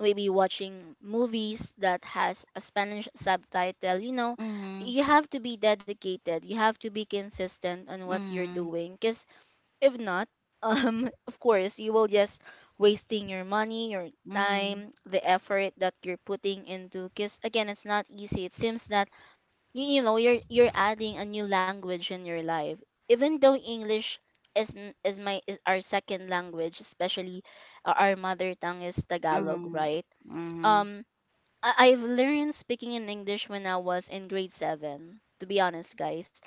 Speaker 2: maybe watching movies that has a Spanish subtitle, you know.
Speaker 1: mhm,
Speaker 2: You have to be dedicated, you have to be consistent on what you're
Speaker 1: mhm,
Speaker 2: doing, because if not, [laughs] of course you will just wasting your money, your
Speaker 1: mhm,
Speaker 2: time, the effort that you're putting into. Because, again, it's not easy. It seems that you know, you're adding a new language in your life. Even though English is our second language, especially our mother tongue is Tagalog,
Speaker 1: mhm,
Speaker 2: right?
Speaker 1: mhm,
Speaker 2: um I- I've learned speaking in English when I was in grade 7, to be honest, guys.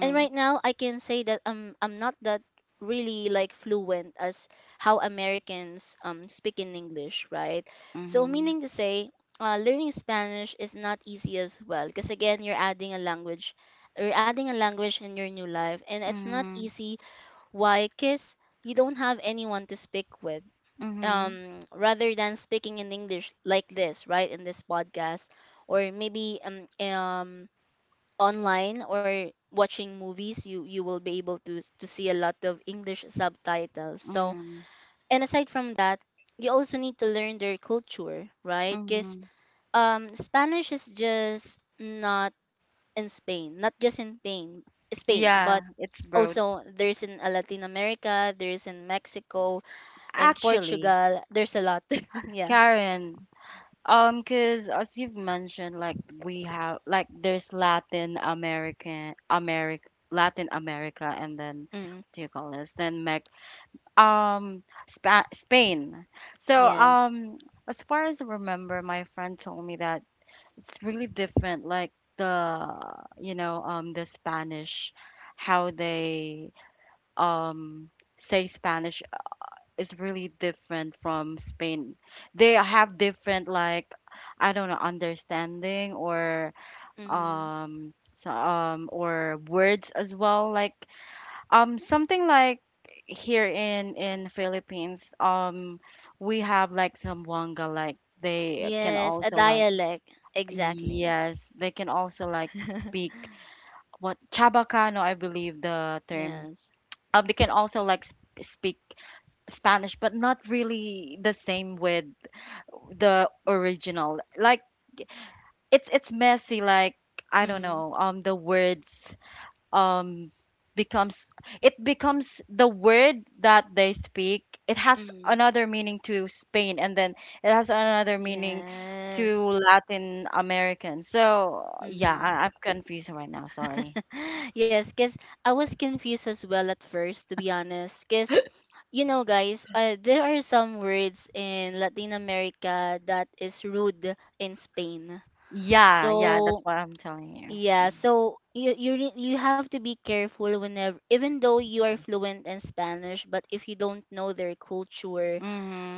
Speaker 2: And right now I can say that, I'm not that really like fluent as how Americans speak in English, right? So,
Speaker 1: mhm,
Speaker 2: meaning to say, learning Spanish is not easy as well, because, again, you're adding a language, you're adding a language in your new life, and it's not
Speaker 1: mhm,
Speaker 2: easy. Why? Cuz you don't have anyone to speak with,
Speaker 1: mhm,
Speaker 2: rather than speaking in English like this, right, in this podcast, or maybe online or watching movies, you will be able to see a lot of English subtitles. So,
Speaker 1: mhm,
Speaker 2: and aside from that, you also need to learn their culture, right? Because,
Speaker 1: mhm.
Speaker 2: Spanish is just not in Spain, not just in Spain, Spain, but
Speaker 1: Yeah, it's broad.
Speaker 2: also there's in, Latin America, there's in Mexico, in
Speaker 1: Actually,
Speaker 2: Portugal, there's a lot. [laughs] Yeah.
Speaker 1: Karen, cause as you've mentioned, like we have like there's Latin American America Latin America and then
Speaker 2: Mm.
Speaker 1: what do you call this? Then Mex um Spa Spain. So
Speaker 2: Yes.
Speaker 1: as far as I remember, my friend told me that it's really different, like the, you know, the Spanish, how they um say Spanish is really different from Spain. They have different, like, I don't know, understanding or
Speaker 2: Mm.
Speaker 1: so, or words as well, like something like here in Philippines we have like some wanga, like they can
Speaker 2: Yes, a
Speaker 1: also like,
Speaker 2: dialect. Exactly.
Speaker 1: yes they can also like
Speaker 2: [laughs]
Speaker 1: speak what Chabacano, I believe the term,
Speaker 2: Yes.
Speaker 1: they can also like speak Spanish, but not really the same with the original. Like it's messy. Like I don't
Speaker 2: Mm.
Speaker 1: know. The words um becomes, it becomes the word that they speak. It has
Speaker 2: Mm.
Speaker 1: another meaning to Spain, and then it has another meaning to
Speaker 2: Yes.
Speaker 1: Latin American. So yeah,
Speaker 2: Mm.
Speaker 1: I, I'm
Speaker 2: [gasps]
Speaker 1: confused right now. Sorry.
Speaker 2: [laughs] Yes, because I was confused as well at first, to be honest. Because, you know, guys, there are some words in Latin America that is rude in Spain.
Speaker 1: Yeah, yeah, that's
Speaker 2: So
Speaker 1: what I'm telling you.
Speaker 2: Yeah, you have to be careful whenever, even though you are fluent in Spanish, but if you don't know their culture,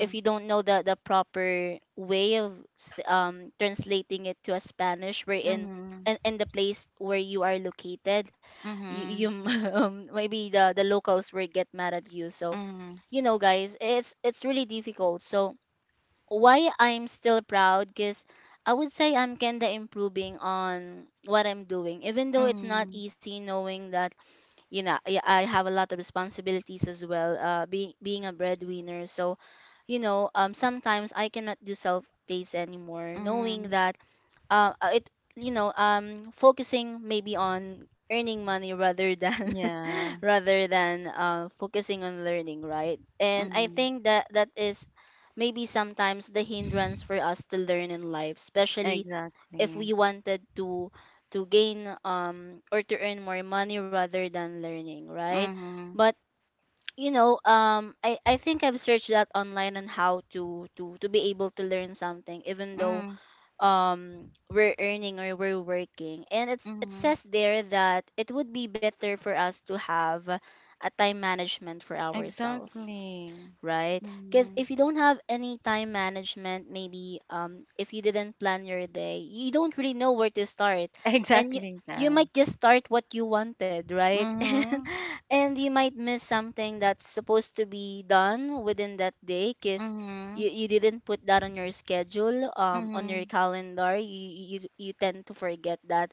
Speaker 2: if you don't know the proper way of translating it to a Spanish wherein
Speaker 1: Mm-hmm.
Speaker 2: in the place where you are located, you
Speaker 1: Mm-hmm.
Speaker 2: [laughs] maybe the locals will get mad at you. So,
Speaker 1: Mm-hmm.
Speaker 2: it's really difficult. So, why I'm still proud? Because I would say I'm kinda improving on what I'm doing, even though it's not
Speaker 1: Mhm,
Speaker 2: easy, knowing that I have a lot of responsibilities as well. Being a breadwinner, so sometimes I cannot do self pace anymore, knowing
Speaker 1: mhm.
Speaker 2: that it, focusing maybe on earning money rather than [laughs]
Speaker 1: Yeah.
Speaker 2: rather than focusing on learning, right? And I
Speaker 1: Mhm.
Speaker 2: think that is maybe sometimes the hindrance for us to learn in life, especially if
Speaker 1: Exactly.
Speaker 2: we wanted to gain or to earn more money rather than learning, right?
Speaker 1: Mhm.
Speaker 2: But I think I've searched that online on how to be able to learn something, even though
Speaker 1: Mm,
Speaker 2: we're earning or we're working, and it
Speaker 1: mhm.
Speaker 2: says there that it would be better for us to have a time management for ourselves,
Speaker 1: Exactly.
Speaker 2: right? Because
Speaker 1: Mhm.
Speaker 2: if you don't have any time management, maybe, if you didn't plan your day, you don't really know where to start,
Speaker 1: [laughs]
Speaker 2: and you
Speaker 1: Exactly
Speaker 2: you
Speaker 1: that.
Speaker 2: might just start what you wanted, right? [laughs] And
Speaker 1: Mhm.
Speaker 2: and you might miss something that's supposed to be done within that day, because
Speaker 1: Mhm.
Speaker 2: you didn't put that on your schedule, on your
Speaker 1: Mhm.
Speaker 2: calendar. You tend to forget that,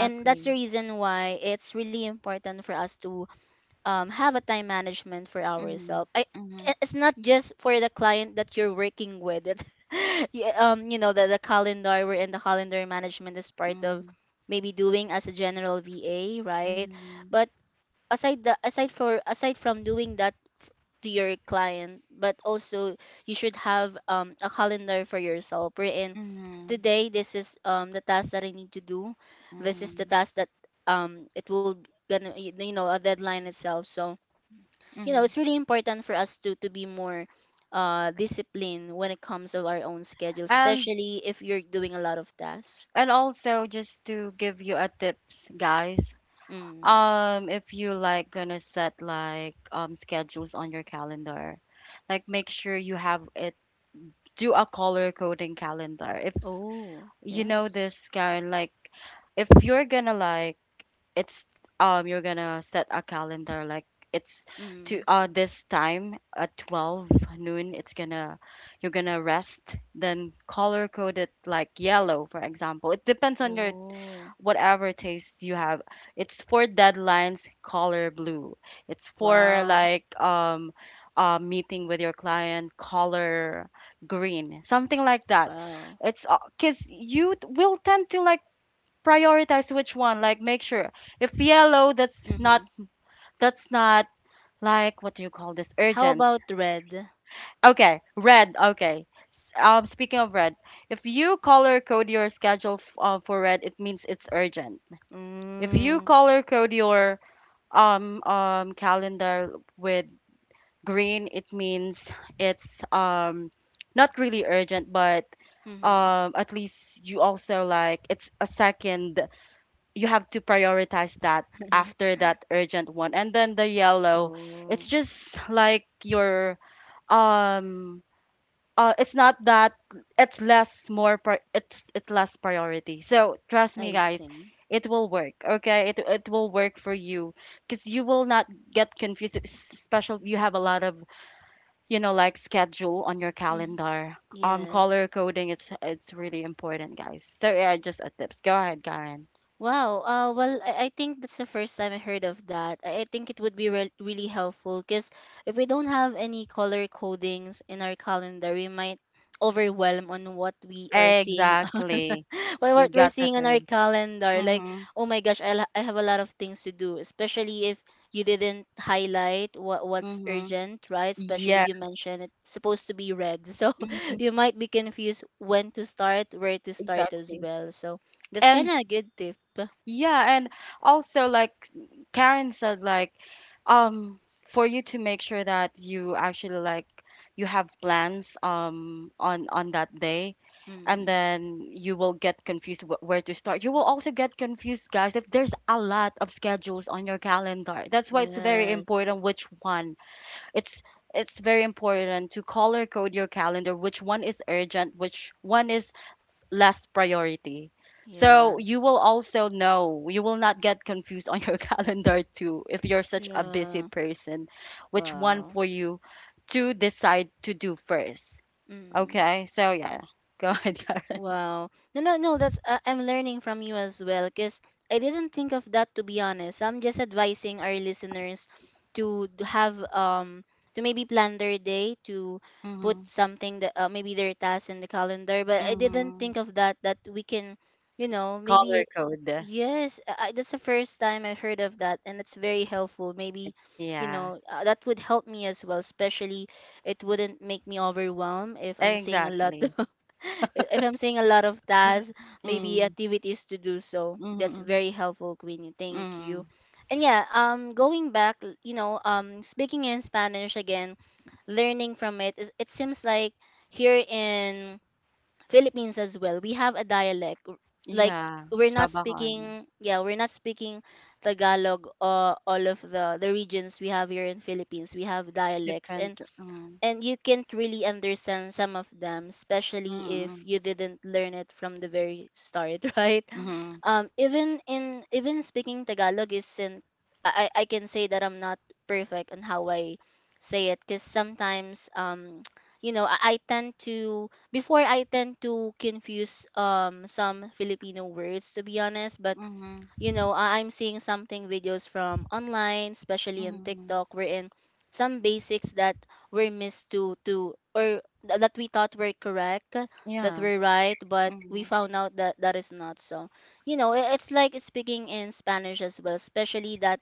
Speaker 2: and that's the reason why it's really important for us to have a time management for
Speaker 1: Mhm.
Speaker 2: ourselves.
Speaker 1: Mhm.
Speaker 2: It's not just for the client that you're working with. It, [laughs] the calendar, we're in the calendar management, is part of
Speaker 1: Mhm.
Speaker 2: maybe doing as a general VA, right?
Speaker 1: Mhm.
Speaker 2: But aside the aside for aside from doing that to your client, but also you should have a calendar for yourself, We're in
Speaker 1: Mhm.
Speaker 2: today this is the task that I need to do. This is the
Speaker 1: Mhm.
Speaker 2: task that it will gonna, a deadline itself. So
Speaker 1: Mhm.
Speaker 2: it's really important for us to be more disciplined when it comes to our own schedule,
Speaker 1: And
Speaker 2: especially if you're doing a lot of tasks.
Speaker 1: also just to give you a tips, guys,
Speaker 2: Mm.
Speaker 1: If you like gonna set like schedules on your calendar, like make sure you have it, do a color coding calendar. If
Speaker 2: Oh
Speaker 1: you know
Speaker 2: yes.
Speaker 1: this, Karen, like if you're gonna like, it's, you're gonna set a calendar like it's to,
Speaker 2: Mm.
Speaker 1: uh, this time at 12 noon, it's gonna, you're gonna rest, then color code it like yellow, for example. It depends on your
Speaker 2: Oh.
Speaker 1: whatever taste you have. It's for deadlines, color blue. It's for
Speaker 2: Wow.
Speaker 1: like a meeting with your client, color green, something like that.
Speaker 2: Wow.
Speaker 1: It's because you will tend to like prioritize which one. Like make sure if yellow, that's
Speaker 2: Mm-hmm.
Speaker 1: not that's not like what do you call this,
Speaker 2: How
Speaker 1: urgent.
Speaker 2: about red?
Speaker 1: Okay, red. Okay. Speaking of red, if you color code your schedule for red, it means it's urgent. If you
Speaker 2: Mm.
Speaker 1: color code your calendar with green, it means it's not really urgent, but
Speaker 2: Mm-hmm.
Speaker 1: at least you also like, it's a second. You have to prioritize that
Speaker 2: [laughs]
Speaker 1: after that urgent one. And then the yellow, it's
Speaker 2: Oh.
Speaker 1: just like your um it's not that, it's it's less priority, so trust me,
Speaker 2: I
Speaker 1: guys,
Speaker 2: see.
Speaker 1: it will work. Okay, it will work for you because you will not get confused. Special, you have a lot of, you know, like schedule on your
Speaker 2: Mm.
Speaker 1: calendar. Color
Speaker 2: Yes.
Speaker 1: coding, it's really important, guys, so yeah, just a tips, go ahead Karen.
Speaker 2: Wow. Well, I think that's the first time I heard of that. I think it would be really helpful, because if we don't have any color codings in our calendar, we might overwhelm on what we are seeing. [laughs]
Speaker 1: Exactly.
Speaker 2: Well,
Speaker 1: You
Speaker 2: what we're
Speaker 1: got the
Speaker 2: seeing on our
Speaker 1: term.
Speaker 2: calendar, like,
Speaker 1: Mm-hmm.
Speaker 2: oh my gosh, I have a lot of things to do, especially if you didn't highlight what's
Speaker 1: Mm-hmm.
Speaker 2: urgent, right? Especially
Speaker 1: Yeah.
Speaker 2: you mentioned it's supposed to be red. [laughs] So
Speaker 1: Mm-hmm.
Speaker 2: you might be confused when to start, where to start as
Speaker 1: Exactly.
Speaker 2: well, so that's kind
Speaker 1: And
Speaker 2: of a good tip.
Speaker 1: yeah, and also like Karen said, like, um for you to make sure that you actually like, you have plans on that day, and
Speaker 2: Mm.
Speaker 1: then you will get confused wh- where to start. You will also get confused, guys, if there's a lot of schedules on your calendar. That's why
Speaker 2: Yes.
Speaker 1: it's very
Speaker 2: Yes.
Speaker 1: important which one. It's it's very important to color code your calendar, which one is urgent, which one is last priority.
Speaker 2: Yeah.
Speaker 1: So you will also know, you will not get confused on your [laughs] calendar too, if you're such a busy
Speaker 2: Yeah.
Speaker 1: person, which one
Speaker 2: Wow.
Speaker 1: for you to decide to do first.
Speaker 2: Mm.
Speaker 1: Okay, so yeah, go [laughs] ahead, Karen.
Speaker 2: Wow. No, no, no. That's I'm learning from you as well, cause I didn't think of that, to be honest. I'm just advising our listeners to have to maybe plan their day, to put
Speaker 1: Mm-hmm.
Speaker 2: something that, maybe their task in the calendar. But I didn't
Speaker 1: Mm-hmm.
Speaker 2: think of that, that we can, you know, maybe—
Speaker 1: Color code.
Speaker 2: yes. That's the first time I've heard of that, and it's very helpful. Maybe
Speaker 1: Yeah,
Speaker 2: that would help me as well. Especially, it wouldn't make me overwhelmed if I'm seeing a lot.
Speaker 1: exactly.
Speaker 2: [laughs] [laughs] If I'm saying a lot of tasks, maybe
Speaker 1: Mm,
Speaker 2: activities to do, so. That's
Speaker 1: mm-hmm,
Speaker 2: very helpful, Queenie. Thank you.
Speaker 1: mm,
Speaker 2: And yeah, going back, speaking in Spanish again, learning from it, it seems like here in Philippines as well, we have a dialect. Like,
Speaker 1: yeah,
Speaker 2: we're not
Speaker 1: tsaba ka ano,
Speaker 2: speaking— yeah, we're not speaking Tagalog. All of the regions we have here in Philippines, we have dialects, and
Speaker 1: different, mm,
Speaker 2: you can't really understand some of them, especially if
Speaker 1: mm,
Speaker 2: you didn't learn it from the very start, [laughs] right?
Speaker 1: mm,
Speaker 2: Even in— even speaking Tagalog isn't— I can say that I'm not perfect on how I say it, because sometimes [tsk] I tend to— before, I tend to confuse some Filipino words, to be honest, but
Speaker 1: mm,
Speaker 2: you know, I'm seeing something videos from online, especially on
Speaker 1: mm,
Speaker 2: TikTok,
Speaker 1: mm,
Speaker 2: wherein some basics that were missed that we thought were correct, that
Speaker 1: yeah,
Speaker 2: were right, but we found out that that is not so. You know, it's like speaking in Spanish as well, especially that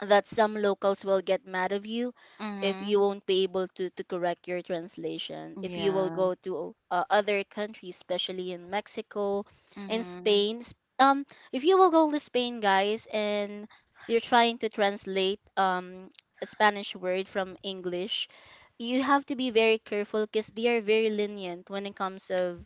Speaker 2: some locals will get mad of you if you
Speaker 1: mhm.
Speaker 2: won't be able to correct your translation if you will
Speaker 1: Yeah.
Speaker 2: go to other countries, especially in Mexico and
Speaker 1: Mhm.
Speaker 2: Spain. Um if you will go to Spain, guys, and you're trying to translate a Spanish word from English, you have to be very careful, because they are very lenient when it comes of,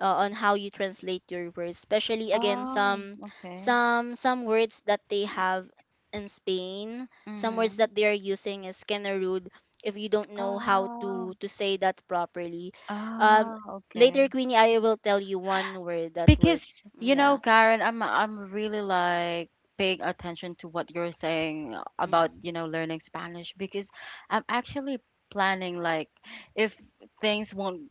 Speaker 2: on how you translate your words, especially again,
Speaker 1: Oh,
Speaker 2: some
Speaker 1: okay.
Speaker 2: some words that they have in Spain, some words
Speaker 1: Mhm.
Speaker 2: that they're using is kind of rude if you don't know how to
Speaker 1: Oh.
Speaker 2: to say that properly. Um,
Speaker 1: Ah, okay.
Speaker 2: later, Queenie, I will tell you one word that would—
Speaker 1: Because you know,
Speaker 2: yeah.
Speaker 1: Karen, I'm really like paying attention to what you're saying about,
Speaker 2: Mm.
Speaker 1: you know, learning Spanish because I'm actually planning like, if things won't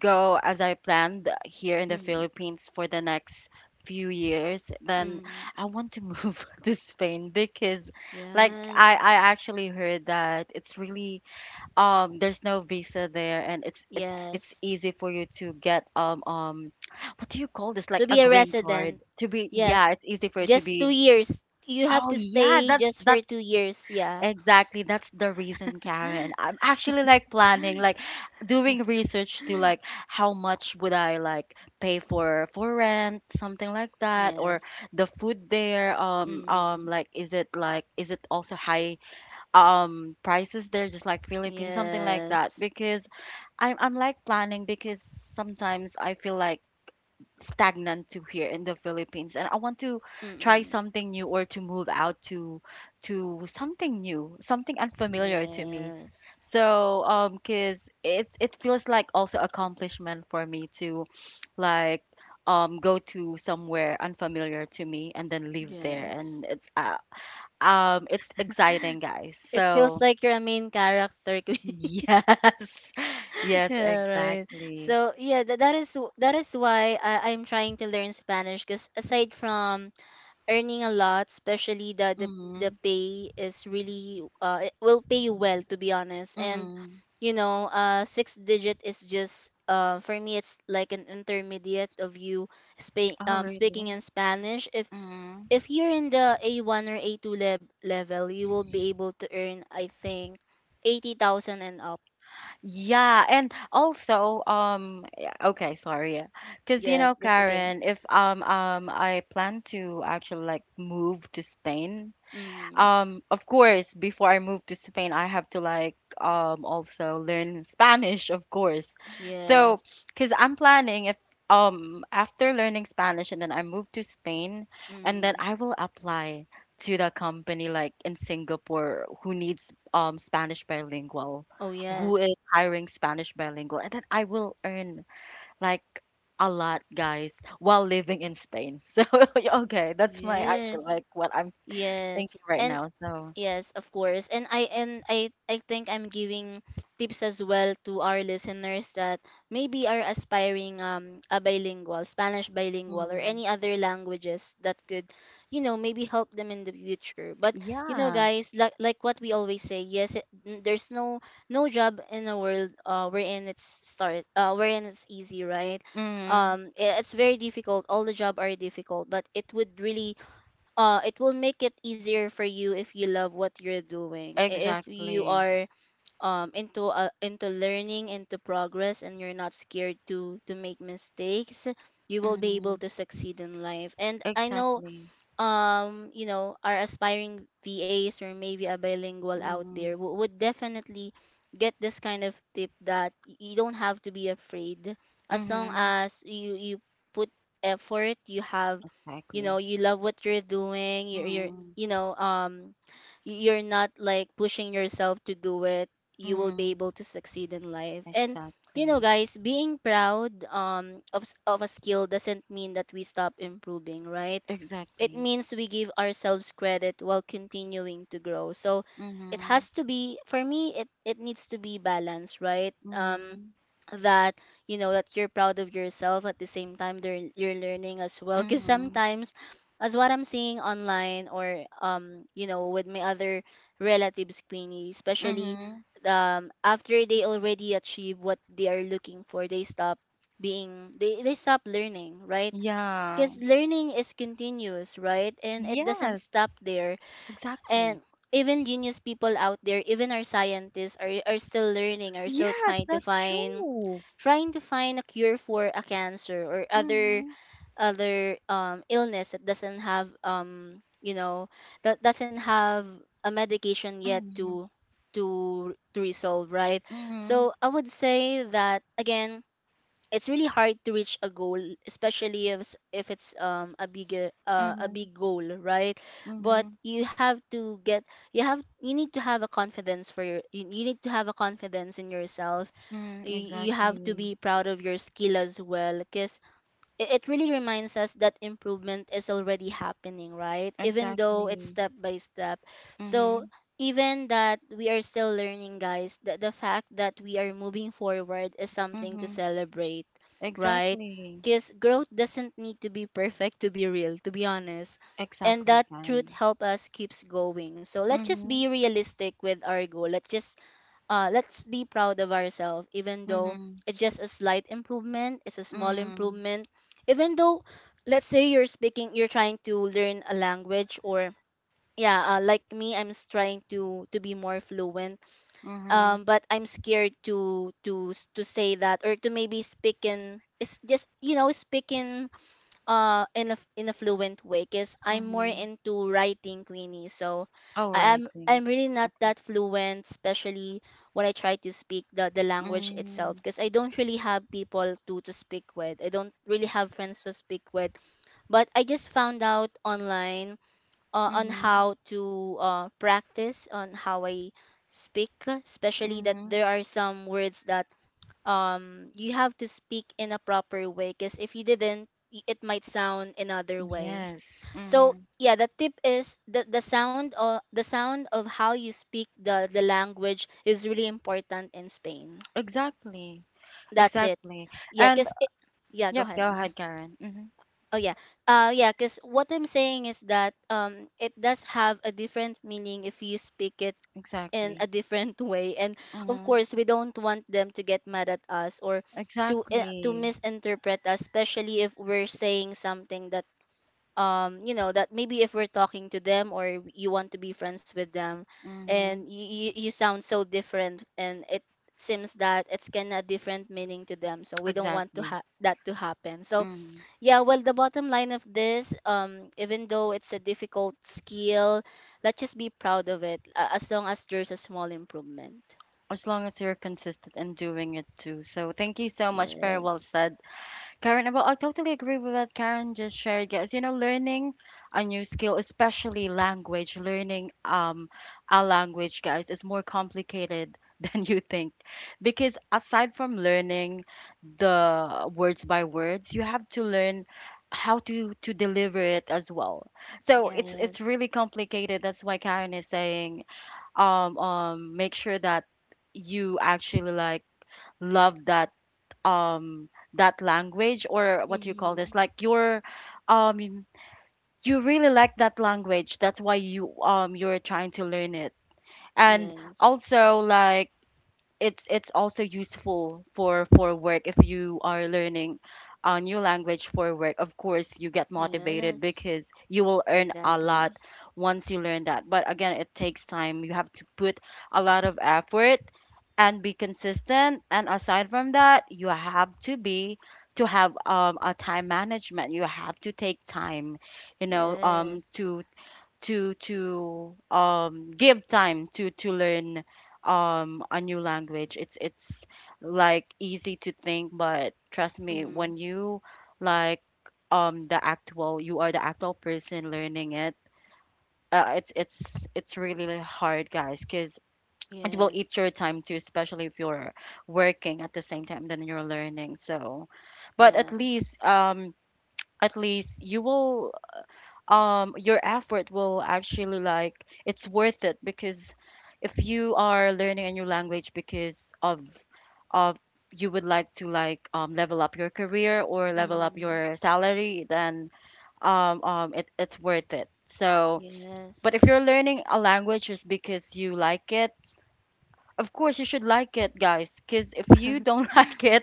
Speaker 1: go as I planned here in the
Speaker 2: Mm.
Speaker 1: Philippines for the next few years, then
Speaker 2: Mm.
Speaker 1: I want to move [laughs] to Spain because like,
Speaker 2: Yes.
Speaker 1: I actually heard that it's really there's no visa there and it's
Speaker 2: Yes,
Speaker 1: easy for you to get what do you call this? Like
Speaker 2: to
Speaker 1: a
Speaker 2: be a
Speaker 1: green card
Speaker 2: resident.
Speaker 1: to be,
Speaker 2: Yes,
Speaker 1: yeah, it's easy for you to
Speaker 2: just two
Speaker 1: be.
Speaker 2: years. You have
Speaker 1: Oh
Speaker 2: to
Speaker 1: yeah,
Speaker 2: stay
Speaker 1: that's
Speaker 2: just
Speaker 1: that.
Speaker 2: for two years, yeah.
Speaker 1: Exactly, that's the reason, Karen.
Speaker 2: [gasps]
Speaker 1: I'm actually like planning, like doing research to like how much would I like pay for rent, something like that,
Speaker 2: Yes.
Speaker 1: or the food there.
Speaker 2: Mm.
Speaker 1: Like is it like, is it also high prices there, just like Philippines, something like that.
Speaker 2: Yes.
Speaker 1: Because I'm like planning because sometimes I feel like stagnant to here in the Philippines, and I want to try
Speaker 2: Mm-mm.
Speaker 1: something new or to move out to something new, something unfamiliar to me.
Speaker 2: Yes.
Speaker 1: So cuz it's, it feels like also accomplishment for me to like go to somewhere unfamiliar to me and then live there,
Speaker 2: Yes.
Speaker 1: and it's, it's exciting, guys.
Speaker 2: It feels
Speaker 1: So
Speaker 2: like you're a main character. [laughs] Queen.
Speaker 1: [laughs] yes. Yes,
Speaker 2: Yeah, right.
Speaker 1: exactly.
Speaker 2: So yeah, that, that is that is why I'm trying to learn Spanish, because aside from earning a lot, especially the
Speaker 1: Mhm.
Speaker 2: pay is really it will pay you well, to be honest. And
Speaker 1: Mm.
Speaker 2: you know, six digit is just for me, it's like an intermediate of you
Speaker 1: Oh
Speaker 2: speaking
Speaker 1: really?
Speaker 2: in Spanish.
Speaker 1: Mm-hmm.
Speaker 2: If you're in the A1 or A2 level, you will be able to earn, I think, 80,000 and up.
Speaker 1: Yeah, and also, yeah, okay, sorry, because you
Speaker 2: Yes,
Speaker 1: know,
Speaker 2: that's the game.
Speaker 1: Karen, if I plan to actually like move to Spain,
Speaker 2: Mm.
Speaker 1: of course, before I moved to Spain, I have to like also learn Spanish, of course. So,
Speaker 2: Yes.
Speaker 1: because I'm planning if, after learning Spanish and then I move to Spain and then
Speaker 2: Mm.
Speaker 1: I will apply to the company like in Singapore who needs Spanish bilingual,
Speaker 2: Oh,
Speaker 1: who
Speaker 2: yes.
Speaker 1: is hiring Spanish bilingual, and then I will earn like a lot, guys, while living in Spain. [laughs] So, okay, that's
Speaker 2: Yes.
Speaker 1: my actual like what I'm
Speaker 2: Yes.
Speaker 1: thinking right
Speaker 2: And—
Speaker 1: now. So.
Speaker 2: yes, of course. And I I think I'm giving tips as well to our listeners that maybe are aspiring a bilingual, Spanish bilingual or
Speaker 1: Mm.
Speaker 2: any other languages that could, you know, maybe help them in the future. But you know,
Speaker 1: Yeah.
Speaker 2: guys, like what we always say, yes, there's no no job in the world wherein it's start wherein it's easy, right?
Speaker 1: Mm.
Speaker 2: It's very difficult. All the job are difficult, but it would really it will make it easier for you if you love what you're doing. If you
Speaker 1: Exactly.
Speaker 2: are into learning, into progress, and you're not scared to make mistakes, you will be able
Speaker 1: Mm.
Speaker 2: to succeed in life. And I know
Speaker 1: Exactly.
Speaker 2: you know, our aspiring VAs or maybe a bilingual out there
Speaker 1: Mm.
Speaker 2: would definitely get this kind of tip, that you don't have to be afraid. As long
Speaker 1: Mm-hmm.
Speaker 2: as you put effort, you have, you know,
Speaker 1: Exactly.
Speaker 2: you love what you're doing, you're,
Speaker 1: Mm.
Speaker 2: you know, you're not like pushing yourself to do it, you will be
Speaker 1: Mm.
Speaker 2: able to succeed in life. And you know,
Speaker 1: Exactly.
Speaker 2: guys, being proud of of a skill doesn't mean that we stop improving, right? It
Speaker 1: Exactly.
Speaker 2: means we give ourselves credit while continuing to grow. So it
Speaker 1: Mm-hmm.
Speaker 2: has to be— for me, it needs to be balanced, right?
Speaker 1: Mm-hmm.
Speaker 2: That you know that you're proud of yourself, at the same time, you're learning as well. Because
Speaker 1: Mm-hmm.
Speaker 2: sometimes, as what I'm seeing online, or you know, with my other relatives, Queenie, especially
Speaker 1: Mm-hmm.
Speaker 2: after they already achieve what they are looking for, they stop being— they stop learning, right?
Speaker 1: Yeah.
Speaker 2: Because learning is continuous, right? And it
Speaker 1: Yes.
Speaker 2: doesn't stop there. And
Speaker 1: Exactly.
Speaker 2: even genius people out there, even our scientists are still learning, are still
Speaker 1: Yes,
Speaker 2: trying to
Speaker 1: that's
Speaker 2: find—
Speaker 1: true.
Speaker 2: a cure for a cancer or other
Speaker 1: Mm-hmm.
Speaker 2: illness that doesn't have, you know, that doesn't have a medication yet
Speaker 1: Mm-hmm.
Speaker 2: to resolve, right?
Speaker 1: Mm-hmm.
Speaker 2: So I would say that again, it's really hard to reach a goal, especially if it's a bigger a
Speaker 1: Mm-hmm.
Speaker 2: big goal, right?
Speaker 1: Mm-hmm.
Speaker 2: But you have to get— you need to have a confidence for your— you need to have a confidence in yourself.
Speaker 1: Mm-hmm.
Speaker 2: You have to
Speaker 1: Exactly.
Speaker 2: be proud of your skill as well, cause it really reminds us that improvement is already happening, right? Even though it's
Speaker 1: Exactly.
Speaker 2: step by step. So
Speaker 1: Mm-hmm.
Speaker 2: even that we are still learning, guys, the fact that we are moving forward is something to
Speaker 1: Mm-hmm.
Speaker 2: celebrate, right?
Speaker 1: Exactly.
Speaker 2: Because growth doesn't need to be perfect to be real, to be honest. And
Speaker 1: Exactly,
Speaker 2: that truth
Speaker 1: Karen.
Speaker 2: help us keeps going. So let's just
Speaker 1: Mhm.
Speaker 2: be realistic with our goal. Let's just let's be proud of ourselves, even though
Speaker 1: Mhm.
Speaker 2: it's just a slight improvement, it's a small
Speaker 1: Mm.
Speaker 2: improvement, even though, let's say, you're speaking— you're trying to learn a language, or yeah, like me, I'm trying to be more fluent,
Speaker 1: Mhm.
Speaker 2: but I'm scared to to say that, or to maybe speak in— it's just, you know, speaking in a in a fluent way, because I'm more
Speaker 1: Mhm.
Speaker 2: into writing, Queenie, so
Speaker 1: All right then.
Speaker 2: I'm really not
Speaker 1: Okay.
Speaker 2: that fluent, especially when I try to speak the language itself,
Speaker 1: Mm.
Speaker 2: because I don't really have people to speak with, I don't really have friends to speak with. But I just found out online on
Speaker 1: Mhm.
Speaker 2: how to practice on how I speak, especially that
Speaker 1: Mhm.
Speaker 2: there are some words that you have to speak in a proper way, because if you didn't— it might sound another way.
Speaker 1: Yes.
Speaker 2: So
Speaker 1: Mhm.
Speaker 2: yeah, the tip is the sound of how you speak the language is really important in Spain.
Speaker 1: Exactly.
Speaker 2: That's it.
Speaker 1: Exactly.
Speaker 2: Yeah,
Speaker 1: And
Speaker 2: cause— yeah, go
Speaker 1: yep,
Speaker 2: ahead.
Speaker 1: go ahead, Karen. Mhm.
Speaker 2: Oh yeah. Yeah, cuz what I'm saying is that it does have a different meaning if you speak it in a
Speaker 1: Exactly.
Speaker 2: different [laughs] way, and of
Speaker 1: Mhm.
Speaker 2: course, we don't want them to get mad at us, or to to
Speaker 1: Exactly.
Speaker 2: misinterpret us, especially if we're saying something that, you know, that maybe if we're talking to them, or you want to be friends with them, and
Speaker 1: Mhm.
Speaker 2: you sound so different, and it seems that it's kind of different meaning to them, so we don't want to
Speaker 1: Exactly.
Speaker 2: that to happen. So
Speaker 1: Mhm.
Speaker 2: yeah, well, the bottom line of this, even though it's a difficult skill, let's just be proud of it, as long as there's a small improvement.
Speaker 1: As long as you're consistent in doing it too. So thank you so much. Very well
Speaker 2: Yes,
Speaker 1: said. Karen, well, I totally agree with what Karen just shared, guys. You know, learning a new skill, especially language, learning a language, guys, is more complicated [laughs] than you think. Because aside from learning the words by words, you have to learn how to deliver it as well. So it's really
Speaker 2: yes,
Speaker 1: complicated. That's why Karen is saying, make sure that you actually like love that um that language, or what do you call this,
Speaker 2: mm-hmm.
Speaker 1: like you're um you really like that language, that's why you you're trying to learn it. And
Speaker 2: Yes,
Speaker 1: also like, it's also useful for work. If you are learning a new language for work, of course you get motivated
Speaker 2: yes,
Speaker 1: because you will earn a lot
Speaker 2: exactly.
Speaker 1: once you learn that. But again, it takes time, you have to put a lot of effort and be consistent. And aside from that, you have to be, to have a time management. You have to take time, you know,
Speaker 2: Yes,
Speaker 1: to to give time to learn a new language. It's like easy to think, but trust me,
Speaker 2: mm,
Speaker 1: when you like, the actual, you are the actual person learning it, it's really really hard, guys, because it will eat
Speaker 2: yes,
Speaker 1: your time too, especially if you're working at the same time than you're learning. So but
Speaker 2: yeah,
Speaker 1: at least you will your effort will actually like, it's worth it because if you are learning a new language because of you would like to like, level up your career or level up
Speaker 2: mm,
Speaker 1: your salary, then it, it's worth it. So but if
Speaker 2: yes,
Speaker 1: you're learning a language just because you like it, of course you should like it, guys, because if you don't [laughs] like it,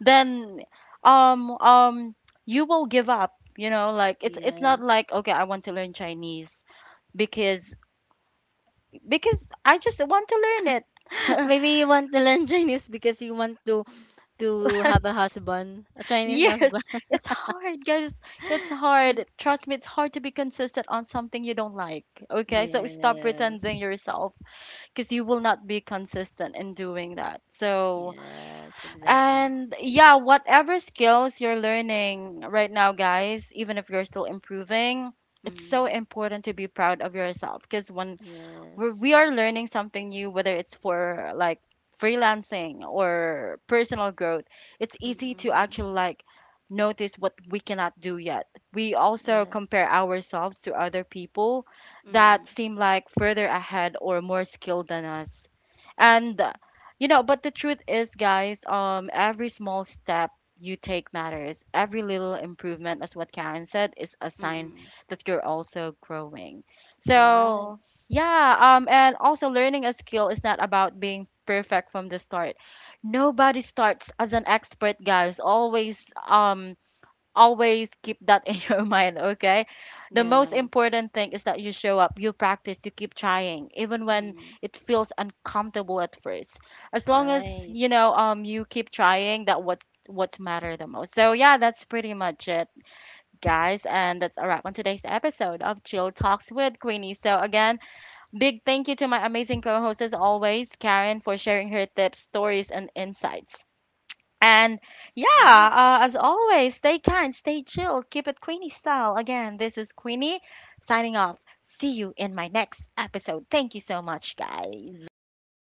Speaker 1: then um um you will give up, you know, like it's not
Speaker 2: yes.
Speaker 1: like, okay, I want to learn Chinese because because I just want to learn
Speaker 2: [laughs]
Speaker 1: it.
Speaker 2: Maybe
Speaker 1: [laughs]
Speaker 2: you want to learn Chinese because you want to have a husband, a Chinese
Speaker 1: Yes,
Speaker 2: husband.
Speaker 1: it's hard, guys. It's
Speaker 2: [laughs]
Speaker 1: hard. Trust me, it's hard to be consistent on something you don't like. Okay, so stop pretending
Speaker 2: Yes.
Speaker 1: yourself because you will not be consistent in doing that. So,
Speaker 2: Yes, exactly.
Speaker 1: and yeah, whatever skills you're learning right now, guys, even if you're still improving, it's so
Speaker 2: Mm,
Speaker 1: important to be proud of yourself because when we're, we
Speaker 2: yes.
Speaker 1: are learning something new, whether it's for like freelancing or personal growth. It's easy to
Speaker 2: Mm,
Speaker 1: actually like notice what we cannot do yet. We also compare
Speaker 2: yes.
Speaker 1: ourselves to other people that
Speaker 2: Mm,
Speaker 1: seem like further ahead or more skilled than us. And you know, but the truth is, guys, every small step you take matters. Every little improvement, as what Karen said, is a sign
Speaker 2: mm.
Speaker 1: that you're also growing.
Speaker 2: Yeah,
Speaker 1: So yeah, and also learning a skill is not about being perfect from the start. Nobody starts as an expert, guys. Always always keep that in [laughs] your mind, okay? The most
Speaker 2: yeah.
Speaker 1: important thing is that you show up, you practice, you keep trying, even when
Speaker 2: Mm,
Speaker 1: it feels uncomfortable at first. As long as,
Speaker 2: right.
Speaker 1: you know, you keep trying, that what's matter the most. So yeah, that's pretty much it, guys. And that's a wrap on today's episode of Chill Talks with Queenie. So again, big thank you to my amazing co-host as always, Karen, for sharing her tips, stories, and insights. And yeah,
Speaker 2: Yes.
Speaker 1: as always, stay kind, stay chill, keep it Queenie style. Again, this is Queenie signing off. See you in my next episode. Thank you so much, guys.
Speaker 2: Bye.